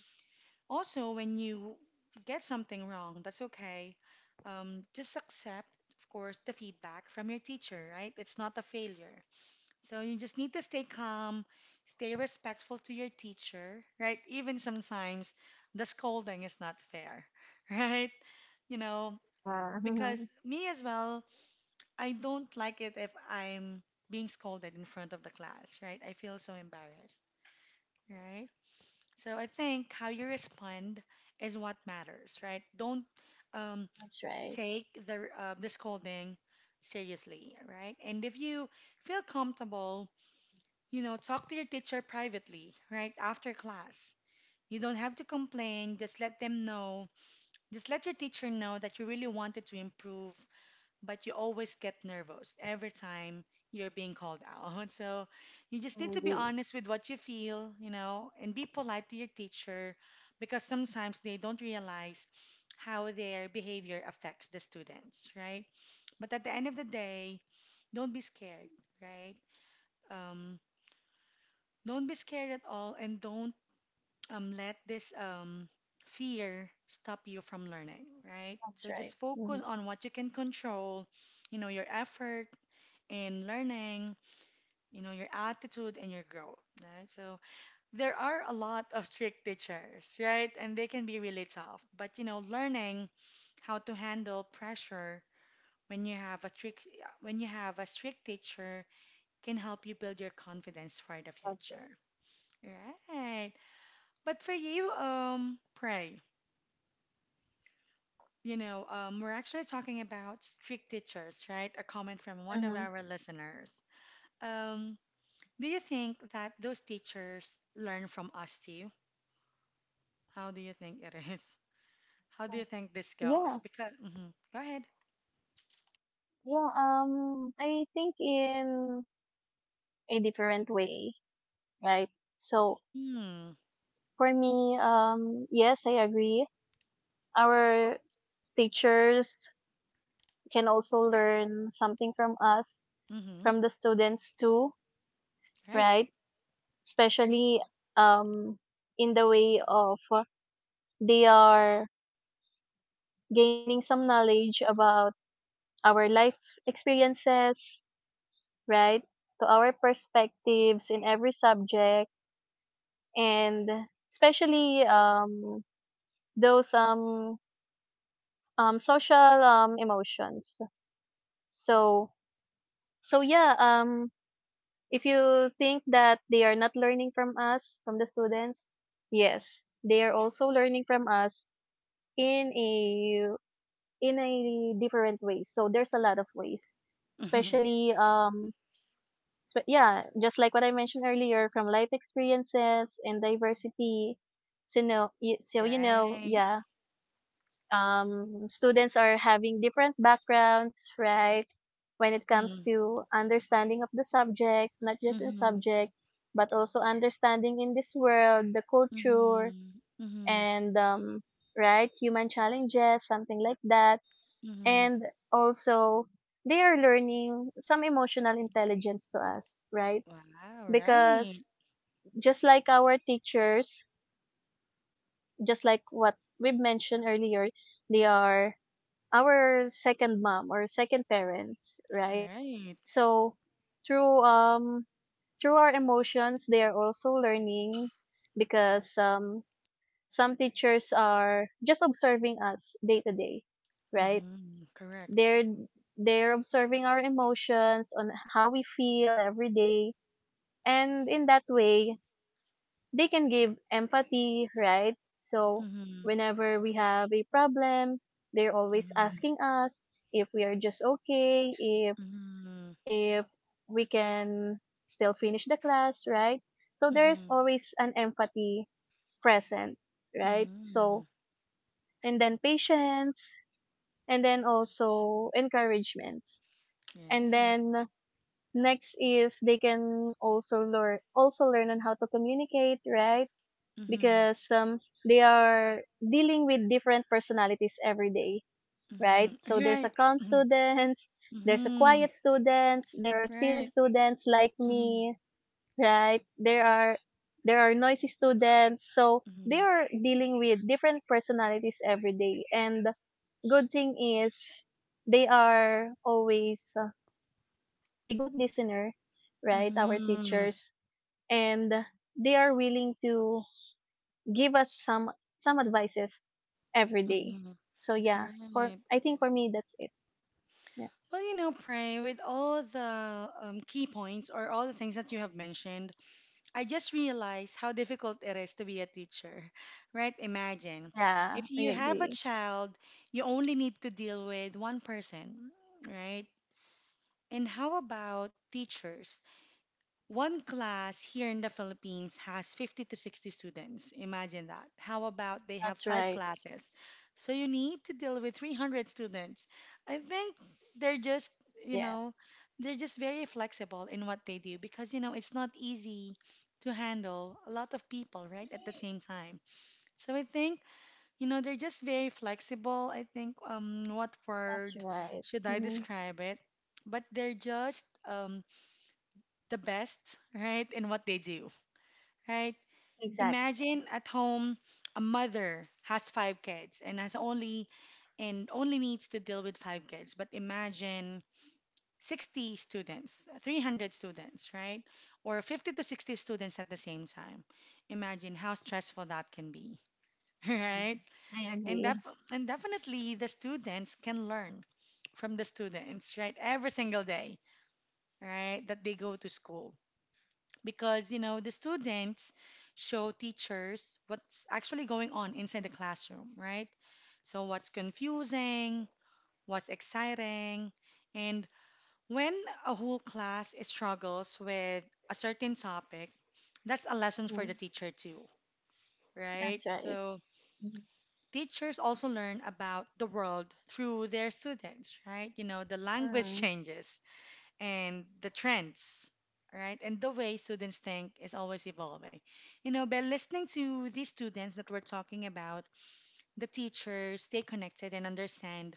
S1: also, when you get something wrong, that's okay. Um, just accept, of course, the feedback from your teacher, right? It's not a failure. So you just need to stay calm, stay respectful to your teacher, right? Even sometimes the scolding is not fair, *laughs* right? You know,
S2: Yeah. Hmm.
S1: because me as well, I don't like it if I'm being scolded in front of the class, right? I feel so embarrassed, right? So I think how you respond is what matters, right? Don't um,
S2: That's right.
S1: take the uh, the scolding seriously, right? And if you feel comfortable, you know, talk to your teacher privately, right? After class. You don't have to complain. Just let them know. Just let your teacher know that you really wanted to improve but you always get nervous every time you're being called out. *laughs* So you just
S2: I
S1: need to be
S2: agree.
S1: honest with what you feel, you know, and be polite to your teacher because sometimes they don't realize how their behavior affects the students, right? But at the end of the day, don't be scared, right? Um, don't be scared at all and don't um, let this um, fear stop you from learning, right?
S2: That's
S1: So
S2: right.
S1: just focus
S2: Hmm.
S1: on what you can control, you know, your effort, in learning, you know, your attitude and your growth, right? So there are a lot of strict teachers, right? And they can be really tough. But you know, learning how to handle pressure when you have a strict when you have a strict teacher can help you build your confidence for the
S2: That's right.
S1: future. Right. But for you, um, pray. You know, um, we're actually talking about strict teachers, right? A comment from one of
S2: Hmm.
S1: our listeners. Um, Do you think that those teachers learn from us too? How do you think it is? *laughs* How do you think this goes?
S2: Yeah.
S1: Because, hmm go ahead.
S2: Yeah. Um, I think in a different way, right? So
S1: Mm,
S2: for me, um, yes, I agree. Our teachers can also learn something from us,
S1: mm-hmm,
S2: from the students too,
S1: right.
S2: right? Especially um, in the way of uh, they are gaining some knowledge about our life experiences, right? To our perspectives in every subject, and especially um, those um, um, social um, emotions. So, so yeah, um, if you think that they are not learning from us, from the students, yes, they are also learning from us in a in a different ways. So there's a lot of ways,
S1: Mm-hmm,
S2: especially um, spe- yeah, just like what I mentioned earlier, from life experiences and diversity. So you know, y- so you know,
S1: right.
S2: yeah, um, students are having different backgrounds, right? When it comes
S1: Mm-hmm,
S2: to understanding of the subject, not just in
S1: mm-hmm,
S2: subject, but also understanding in this world, the culture,
S1: mm-hmm, mm-hmm,
S2: and um, right, human challenges, something like that.
S1: mm-hmm.
S2: And also they are learning some emotional intelligence to us, right?
S1: Wow, right,
S2: Because just like our teachers, just like what we mentioned earlier, they are our second mom or second parents, right?
S1: right.
S2: So through um through our emotions, they are also learning because um some teachers are just observing us day to day, right?
S1: Mm-hmm, correct.
S2: they're they're observing our emotions on how we feel every day, and in that way they can give empathy, right? So
S1: Mm-hmm,
S2: whenever we have a problem, they're always
S1: mm-hmm,
S2: asking us if we are just okay, if
S1: mm-hmm,
S2: if we can still finish the class, right? So
S1: mm-hmm,
S2: there's always an empathy present, right?
S1: mm-hmm,
S2: So and then patience, and then also encouragements, and
S1: right.
S2: then next is they can also learn also learn on how to communicate, right?
S1: Mm-hmm,
S2: Because um they are dealing with different personalities every day, right?
S1: mm-hmm,
S2: So there's
S1: right.
S2: a calm
S1: Mm-hmm,
S2: students, there's a
S1: mm-hmm,
S2: quiet students, there are silly
S1: right.
S2: students like
S1: Mhm,
S2: me, right? There are there are noisy students. So they
S1: mhm,
S2: are dealing with different personalities every day, and good thing is they are always uh, a good listener, right? Our
S1: mhm,
S2: teachers, and they are willing to give us some some advices every day.
S1: mhm.
S2: So yeah, for
S1: Right.
S2: I think for me that's it. Yeah,
S1: Well, you know, Pray, with all the um, key points or all the things that you have mentioned, I just realized how difficult it is to be a teacher, *laughs* right? Imagine
S2: yeah
S1: if
S2: I
S1: you have a
S2: agree.
S1: child, you only need to deal with one person, right? And how about teachers? One class here in the Philippines has fifty to sixty students. Imagine that. How about they have
S2: That's
S1: five
S2: right.
S1: classes? So you need to deal with three hundred students. I think they're just, you
S2: Yeah,
S1: know, they're just very flexible in what they do because, you know, it's not easy to handle a lot of people, right, at the same time. So I think, you know, they're just very flexible. I think, um, what
S2: that's
S1: word
S2: right.
S1: should I
S2: Hmm.
S1: describe it? But they're just, um, the best, right, in what they do, right?
S2: Exactly.
S1: Imagine at home a mother has five kids and has only and only needs to deal with five kids, but imagine sixty students, three hundred students, right? Or fifty to sixty students at the same time. Imagine how stressful that can be, *laughs* right?
S2: Mhm. I
S1: And
S2: agree.
S1: def and definitely the students can learn from the students, right? Every single day, right, that they go to school, because you know the students show teachers what's actually going on inside the classroom, right? So what's confusing, what's exciting, and when a whole class struggles with a certain topic, that's a lesson for the
S2: Mhm.
S1: teacher too, right?
S2: That's right.
S1: So
S2: Mhm.
S1: teachers also learn about the world through their students, right? You know, the language *laughs*
S2: Mm.
S1: changes, and the trends, right? And the way students think is always evolving. You know, by listening to these students that we're talking about, the teachers stay connected and understand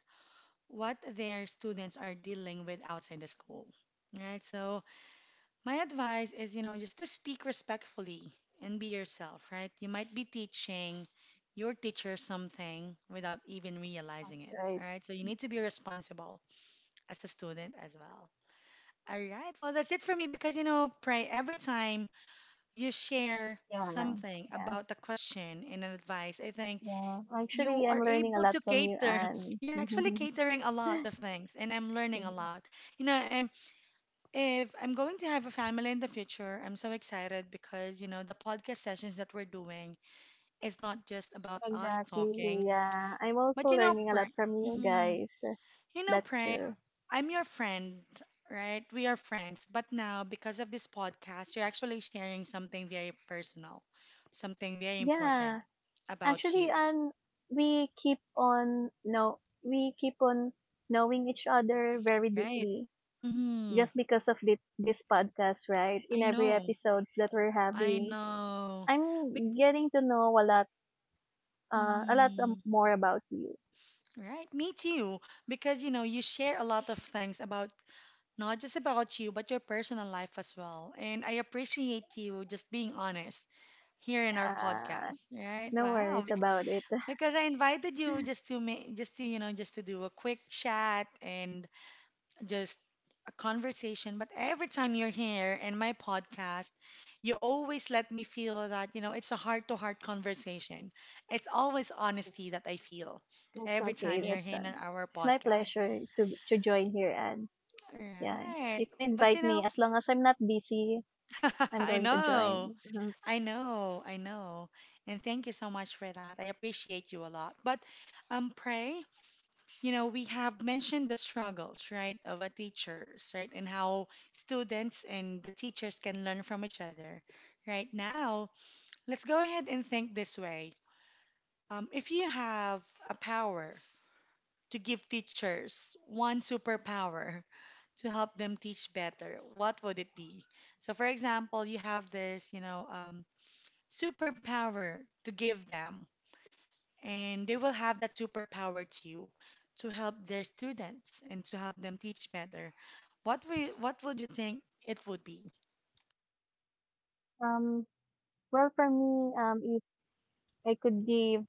S1: what their students are dealing with outside the school, right? So, my advice is, you know, just to speak respectfully and be yourself, right? You might be teaching your teacher something without even realizing
S2: That's
S1: it,
S2: right.
S1: right? So, you need to be responsible as a student as well. All right. Well, that's it for me because, you know, Pray, every time you share
S2: Yeah,
S1: something
S2: yeah,
S1: about the question and an advice, I think
S2: yeah.
S1: you
S2: Actually, I'm
S1: are
S2: learning a
S1: able
S2: lot
S1: to
S2: from you,
S1: cater. *laughs*
S2: and
S1: You're actually catering a lot of things, and I'm learning a
S2: *laughs* *laughs*
S1: lot. You know, I'm, if I'm going to have a family in the future, I'm so excited because, you know, the podcast sessions that we're doing is not just about us talking,
S2: Exactly, yeah. I'm also
S1: but, you know,
S2: learning a lot
S1: Pray.
S2: from you guys.
S1: You know,
S2: That's
S1: Pray,
S2: true.
S1: I'm your friend, right? We are friends. But now, because of this podcast, you're actually sharing something very personal, something very important
S2: Yeah.
S1: about
S2: Actually,
S1: you,
S2: and we keep on no we keep on knowing each other very
S1: right?
S2: deeply
S1: Mm,
S2: just because of thi- this podcast, right? In
S1: I
S2: every
S1: know.
S2: episodes that we're
S1: I
S2: having,
S1: know. Bec
S2: I'm getting to know a lot uh a lot um,
S1: mm,
S2: more about you.
S1: right? Me too. Because, you know, you share a lot of things about not just about you, but your personal life as well. And I appreciate you just being honest here in our
S2: Yeah.
S1: podcast, right?
S2: No
S1: Wow.
S2: worries
S1: bec-
S2: about it. *laughs*
S1: Because I invited you just to make, just to, you know, just to do a quick chat and just a conversation. But every time you're here in my podcast, you always let me feel that, you know, it's a heart-to-heart conversation. It's always honesty that I feel
S2: It's
S1: every
S2: okay.
S1: time you're
S2: That's
S1: here in
S2: uh,
S1: our
S2: It's my
S1: podcast.
S2: pleasure to to join here, and yeah,
S1: Right.
S2: you can
S1: But you
S2: invite me
S1: know,
S2: as long as I'm not busy,
S1: *laughs*
S2: I'm
S1: I
S2: going to
S1: know,
S2: join. Mhm.
S1: I know, I know. And thank you so much for that. I appreciate you a lot. But um, pray. You know, we have mentioned the struggles, right, of a teachers, right, and how students and the teachers can learn from each other. Right now, let's go ahead and think this way. Um, if you have a power to give teachers one superpower *laughs* to help them teach better, what would it be? So, for example, you have this, you know, um, superpower to give them and they will have that superpower to you to help their students and to help them teach better. What we what would you think it would be?
S2: Um, well, for me, um, if I could give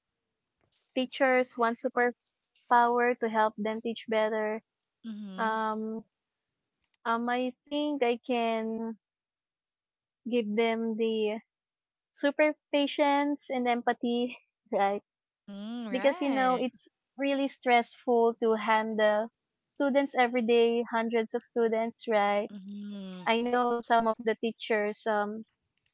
S2: teachers one superpower to help them teach better,
S1: Mm-hmm.
S2: um, um, I think I can give them the super patience and empathy, *laughs* right?
S1: Mm,
S2: Because you know
S1: right.
S2: it's really stressful to handle students every day, hundreds of students, right?
S1: Mm-hmm.
S2: I know some of the teachers, um,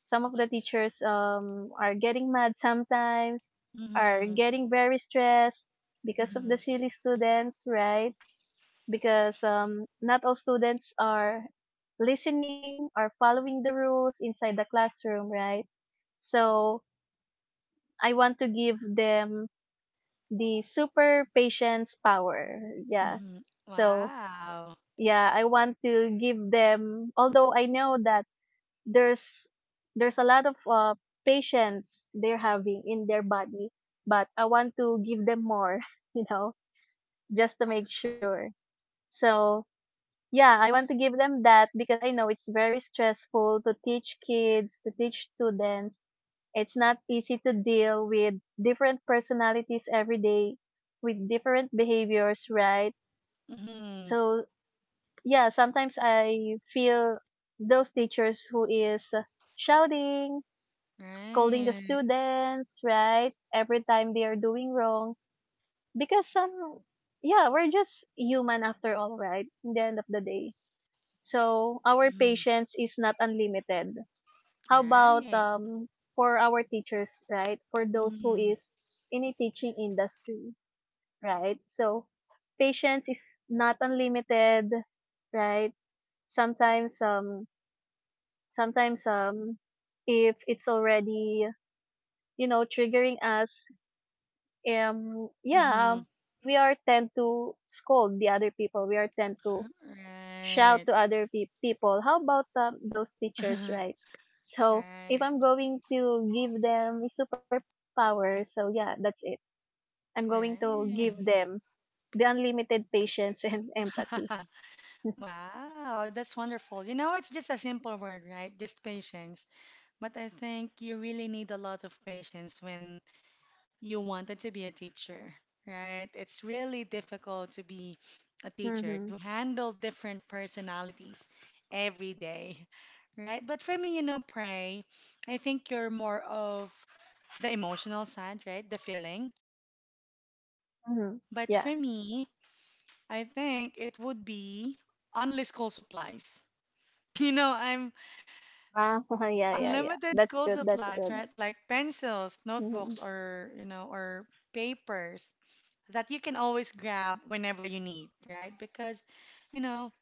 S2: some of the teachers um, are getting mad sometimes, are
S1: Mm-hmm.
S2: getting very stressed because of the
S1: Mm-hmm.
S2: silly students, right? Because um, not all students are listening or following the rules inside the classroom, right? So I want to give them the super patience power. Yeah.
S1: Mm-hmm.
S2: So
S1: Wow.
S2: yeah, I want to give them, although I know that there's there's a lot of uh, patience they're having in their body, but I want to give them more. *laughs* You know, just to make sure. So yeah, I want to give them that because I know it's very stressful to teach kids, to teach students. It's not easy to deal with different personalities every day, with different behaviors, right?
S1: Mm-hmm.
S2: So yeah, sometimes I feel those teachers who is uh, shouting, scolding the
S1: Right.
S2: students, right? Every time they are doing wrong. Because some, yeah, we're just human after all, right? In the end of the day. So our
S1: Mm-hmm.
S2: patience is not unlimited. How about
S1: Right.
S2: um for our teachers, right? For those who
S1: Mm-hmm.
S2: is in a teaching industry, right? So patience is not unlimited, right? Sometimes um sometimes um if it's already, you know, triggering us, um yeah um,
S1: Mm-hmm.
S2: we are tend to scold the other people, we are tend to shout
S1: Right.
S2: to other pe- people. How about um, those teachers,
S1: *laughs*
S2: right? So if I'm going to give them a superpower, so yeah, that's it. I'm going to give
S1: Right.
S2: them the unlimited patience and *laughs* empathy. *laughs*
S1: Right. *laughs* Wow, that's wonderful. You know, it's just a simple word, right? Just patience. But I think you really need a lot of patience when you wanted to be a teacher, right? It's really difficult to be a teacher,
S2: Mhm.
S1: to handle different personalities every day, right? But for me, you know, pray, I think you're more of the emotional side, right? The feeling.
S2: Mhm.
S1: But
S2: Yeah.
S1: for me, I think it would be only school supplies. *laughs* You know, I'm
S2: Ah, *laughs* yeah, yeah, yeah.
S1: unlimited
S2: That's
S1: school
S2: good. That's
S1: supplies,
S2: good.
S1: right? Like pencils, notebooks,
S2: Mhm.
S1: or, you know, or papers that you can always grab whenever you need, right? Because, you know,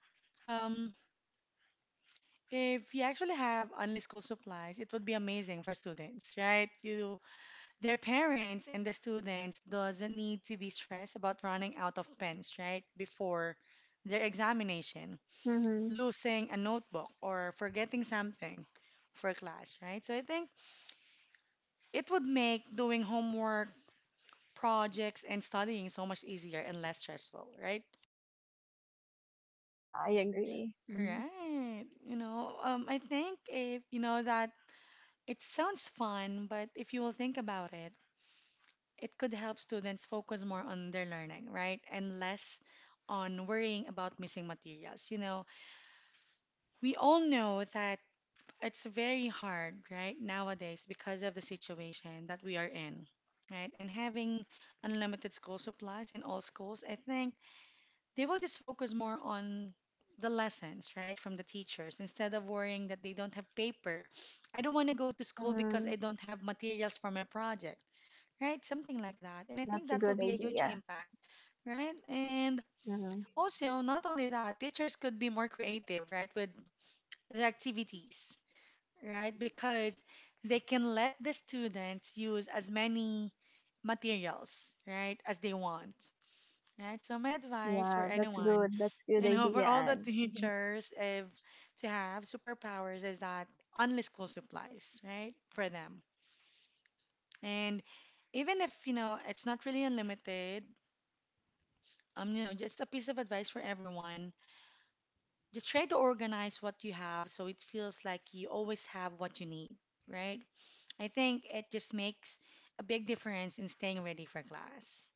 S1: um, if you actually have only school supplies, it would be amazing for students, right? You, their parents and the students doesn't need to be stressed about running out of pens, right? Before their examination,
S2: Mhm.
S1: losing a notebook or forgetting something for class, right? So I think it would make doing homework, projects, and studying so much easier and less stressful, right?
S2: Yeah, I agree. Mhm.
S1: Right. You know, um, I think if you know that it sounds fun, but if you will think about it, it could help students focus more on their learning, right? And less on worrying about missing materials. You know, we all know that it's very hard, right, nowadays because of the situation that we are in, right? And having unlimited school supplies in all schools, I think they will just focus more on the lessons, right, from the teachers instead of worrying that they don't have paper. I don't want to go to school because
S2: Mhm.
S1: I don't have materials for my project, right? Something like that. And I think
S2: That's a
S1: that will
S2: good
S1: be a huge
S2: idea.
S1: impact, right? And
S2: Mhm.
S1: also, not only that, teachers could be more creative, right, with the activities, right? Because they can let the students use as many materials, right, as they want. Right? So my advice for
S2: Yeah, that's
S1: anyone,
S2: good. That's good
S1: you know, *laughs* for
S2: idea,
S1: all the
S2: Anne. Mhm.
S1: teachers, if to have superpowers is that endless school supplies, right? For them. And even if, you know, it's not really unlimited, um, you know, just a piece of advice for everyone. Just try to organize what you have so it feels like you always have what you need, right? I think it just makes a big difference in staying ready for class.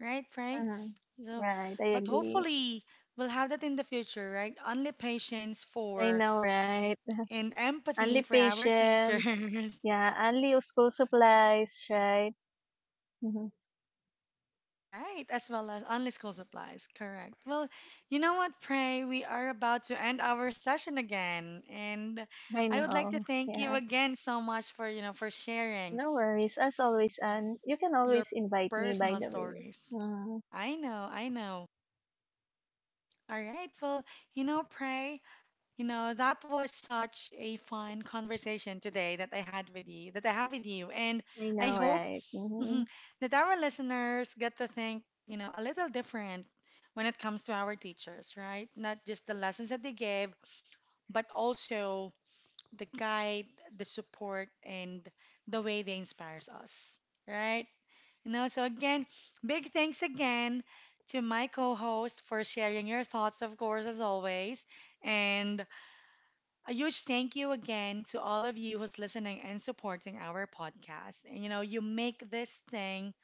S1: Right, Frey?
S2: Mhm.
S1: So,
S2: Right, I
S1: but
S2: agree.
S1: hopefully we'll have that in the future, right? Only patience
S2: I
S1: for
S2: know, right?
S1: and empathy
S2: Only
S1: for our
S2: patience.
S1: teachers. *laughs*
S2: Yeah, only your school supplies, right? Mhm.
S1: Right, as well as only school supplies. Correct. Well, you know what, Pray? We are about to end our session again, and
S2: I
S1: I would like to
S2: know.
S1: thank you
S2: Yeah.
S1: again so much for, you know, for sharing
S2: No worries. As always, and you can
S1: your
S2: always invite me, by
S1: personal
S2: the way.
S1: stories.
S2: Mm.
S1: I know, I know. All right. Well, you know, Pray, you know, that was such a fun conversation today that I had with you, that I have with you. And
S2: I
S1: I
S2: know,
S1: hope
S2: right?
S1: *laughs* mhm,
S2: Mhm.
S1: that our listeners get to think, you know, a little different when it comes to our teachers, right? Not just the lessons that they gave, but also the guide, the support, and the way they inspires us, right? You know, so again, big thanks again to my co-host for sharing your thoughts, of course, as always. And a huge thank you again to all of you who's listening and supporting our podcast. And you know, you make this thing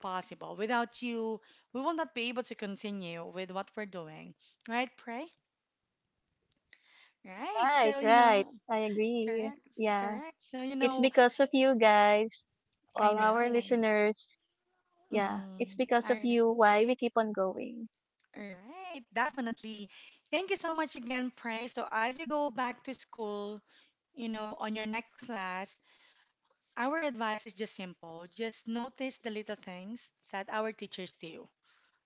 S1: possible. Without you, we will not be able to continue with what we're doing. Right, Pray? Right.
S2: Right,
S1: So, you
S2: right.
S1: know,
S2: I agree.
S1: correct.
S2: Yeah.
S1: Correct. So, you
S2: It's
S1: know,
S2: because of you guys,
S1: I
S2: all our
S1: know.
S2: listeners. Yeah.
S1: Mm-hmm.
S2: It's because of
S1: I,
S2: you why we keep on going.
S1: all right. Definitely. Thank you so much again, Pray. So, as you go back to school, you know, on your next class, our advice is just simple. Just notice the little things that our teachers do,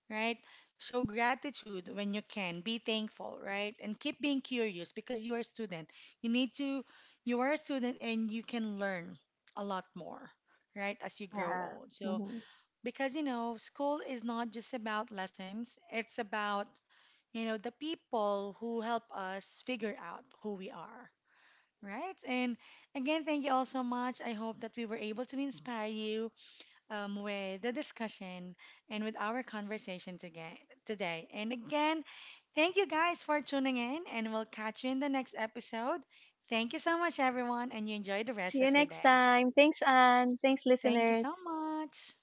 S1: right? Show gratitude when you can. Be thankful, right? And keep being curious because you are a student. You need to, you are a student and you can learn a lot more, right, as you grow
S2: Yeah.
S1: old. So,
S2: Hmm.
S1: because you know, school is not just about lessons, it's about, you know, the people who help us figure out who we are. Right. And again, thank you all so much. I hope that we were able to inspire you um, with the discussion and with our conversation today. today. And again, thank you guys for tuning in, and we'll catch you in the next episode. Thank you so much, everyone, and you enjoy the
S2: See
S1: rest
S2: you
S1: of your
S2: next
S1: day.
S2: time. Thanks, Anne. Thanks,
S1: Thank you so
S2: listeners.
S1: much.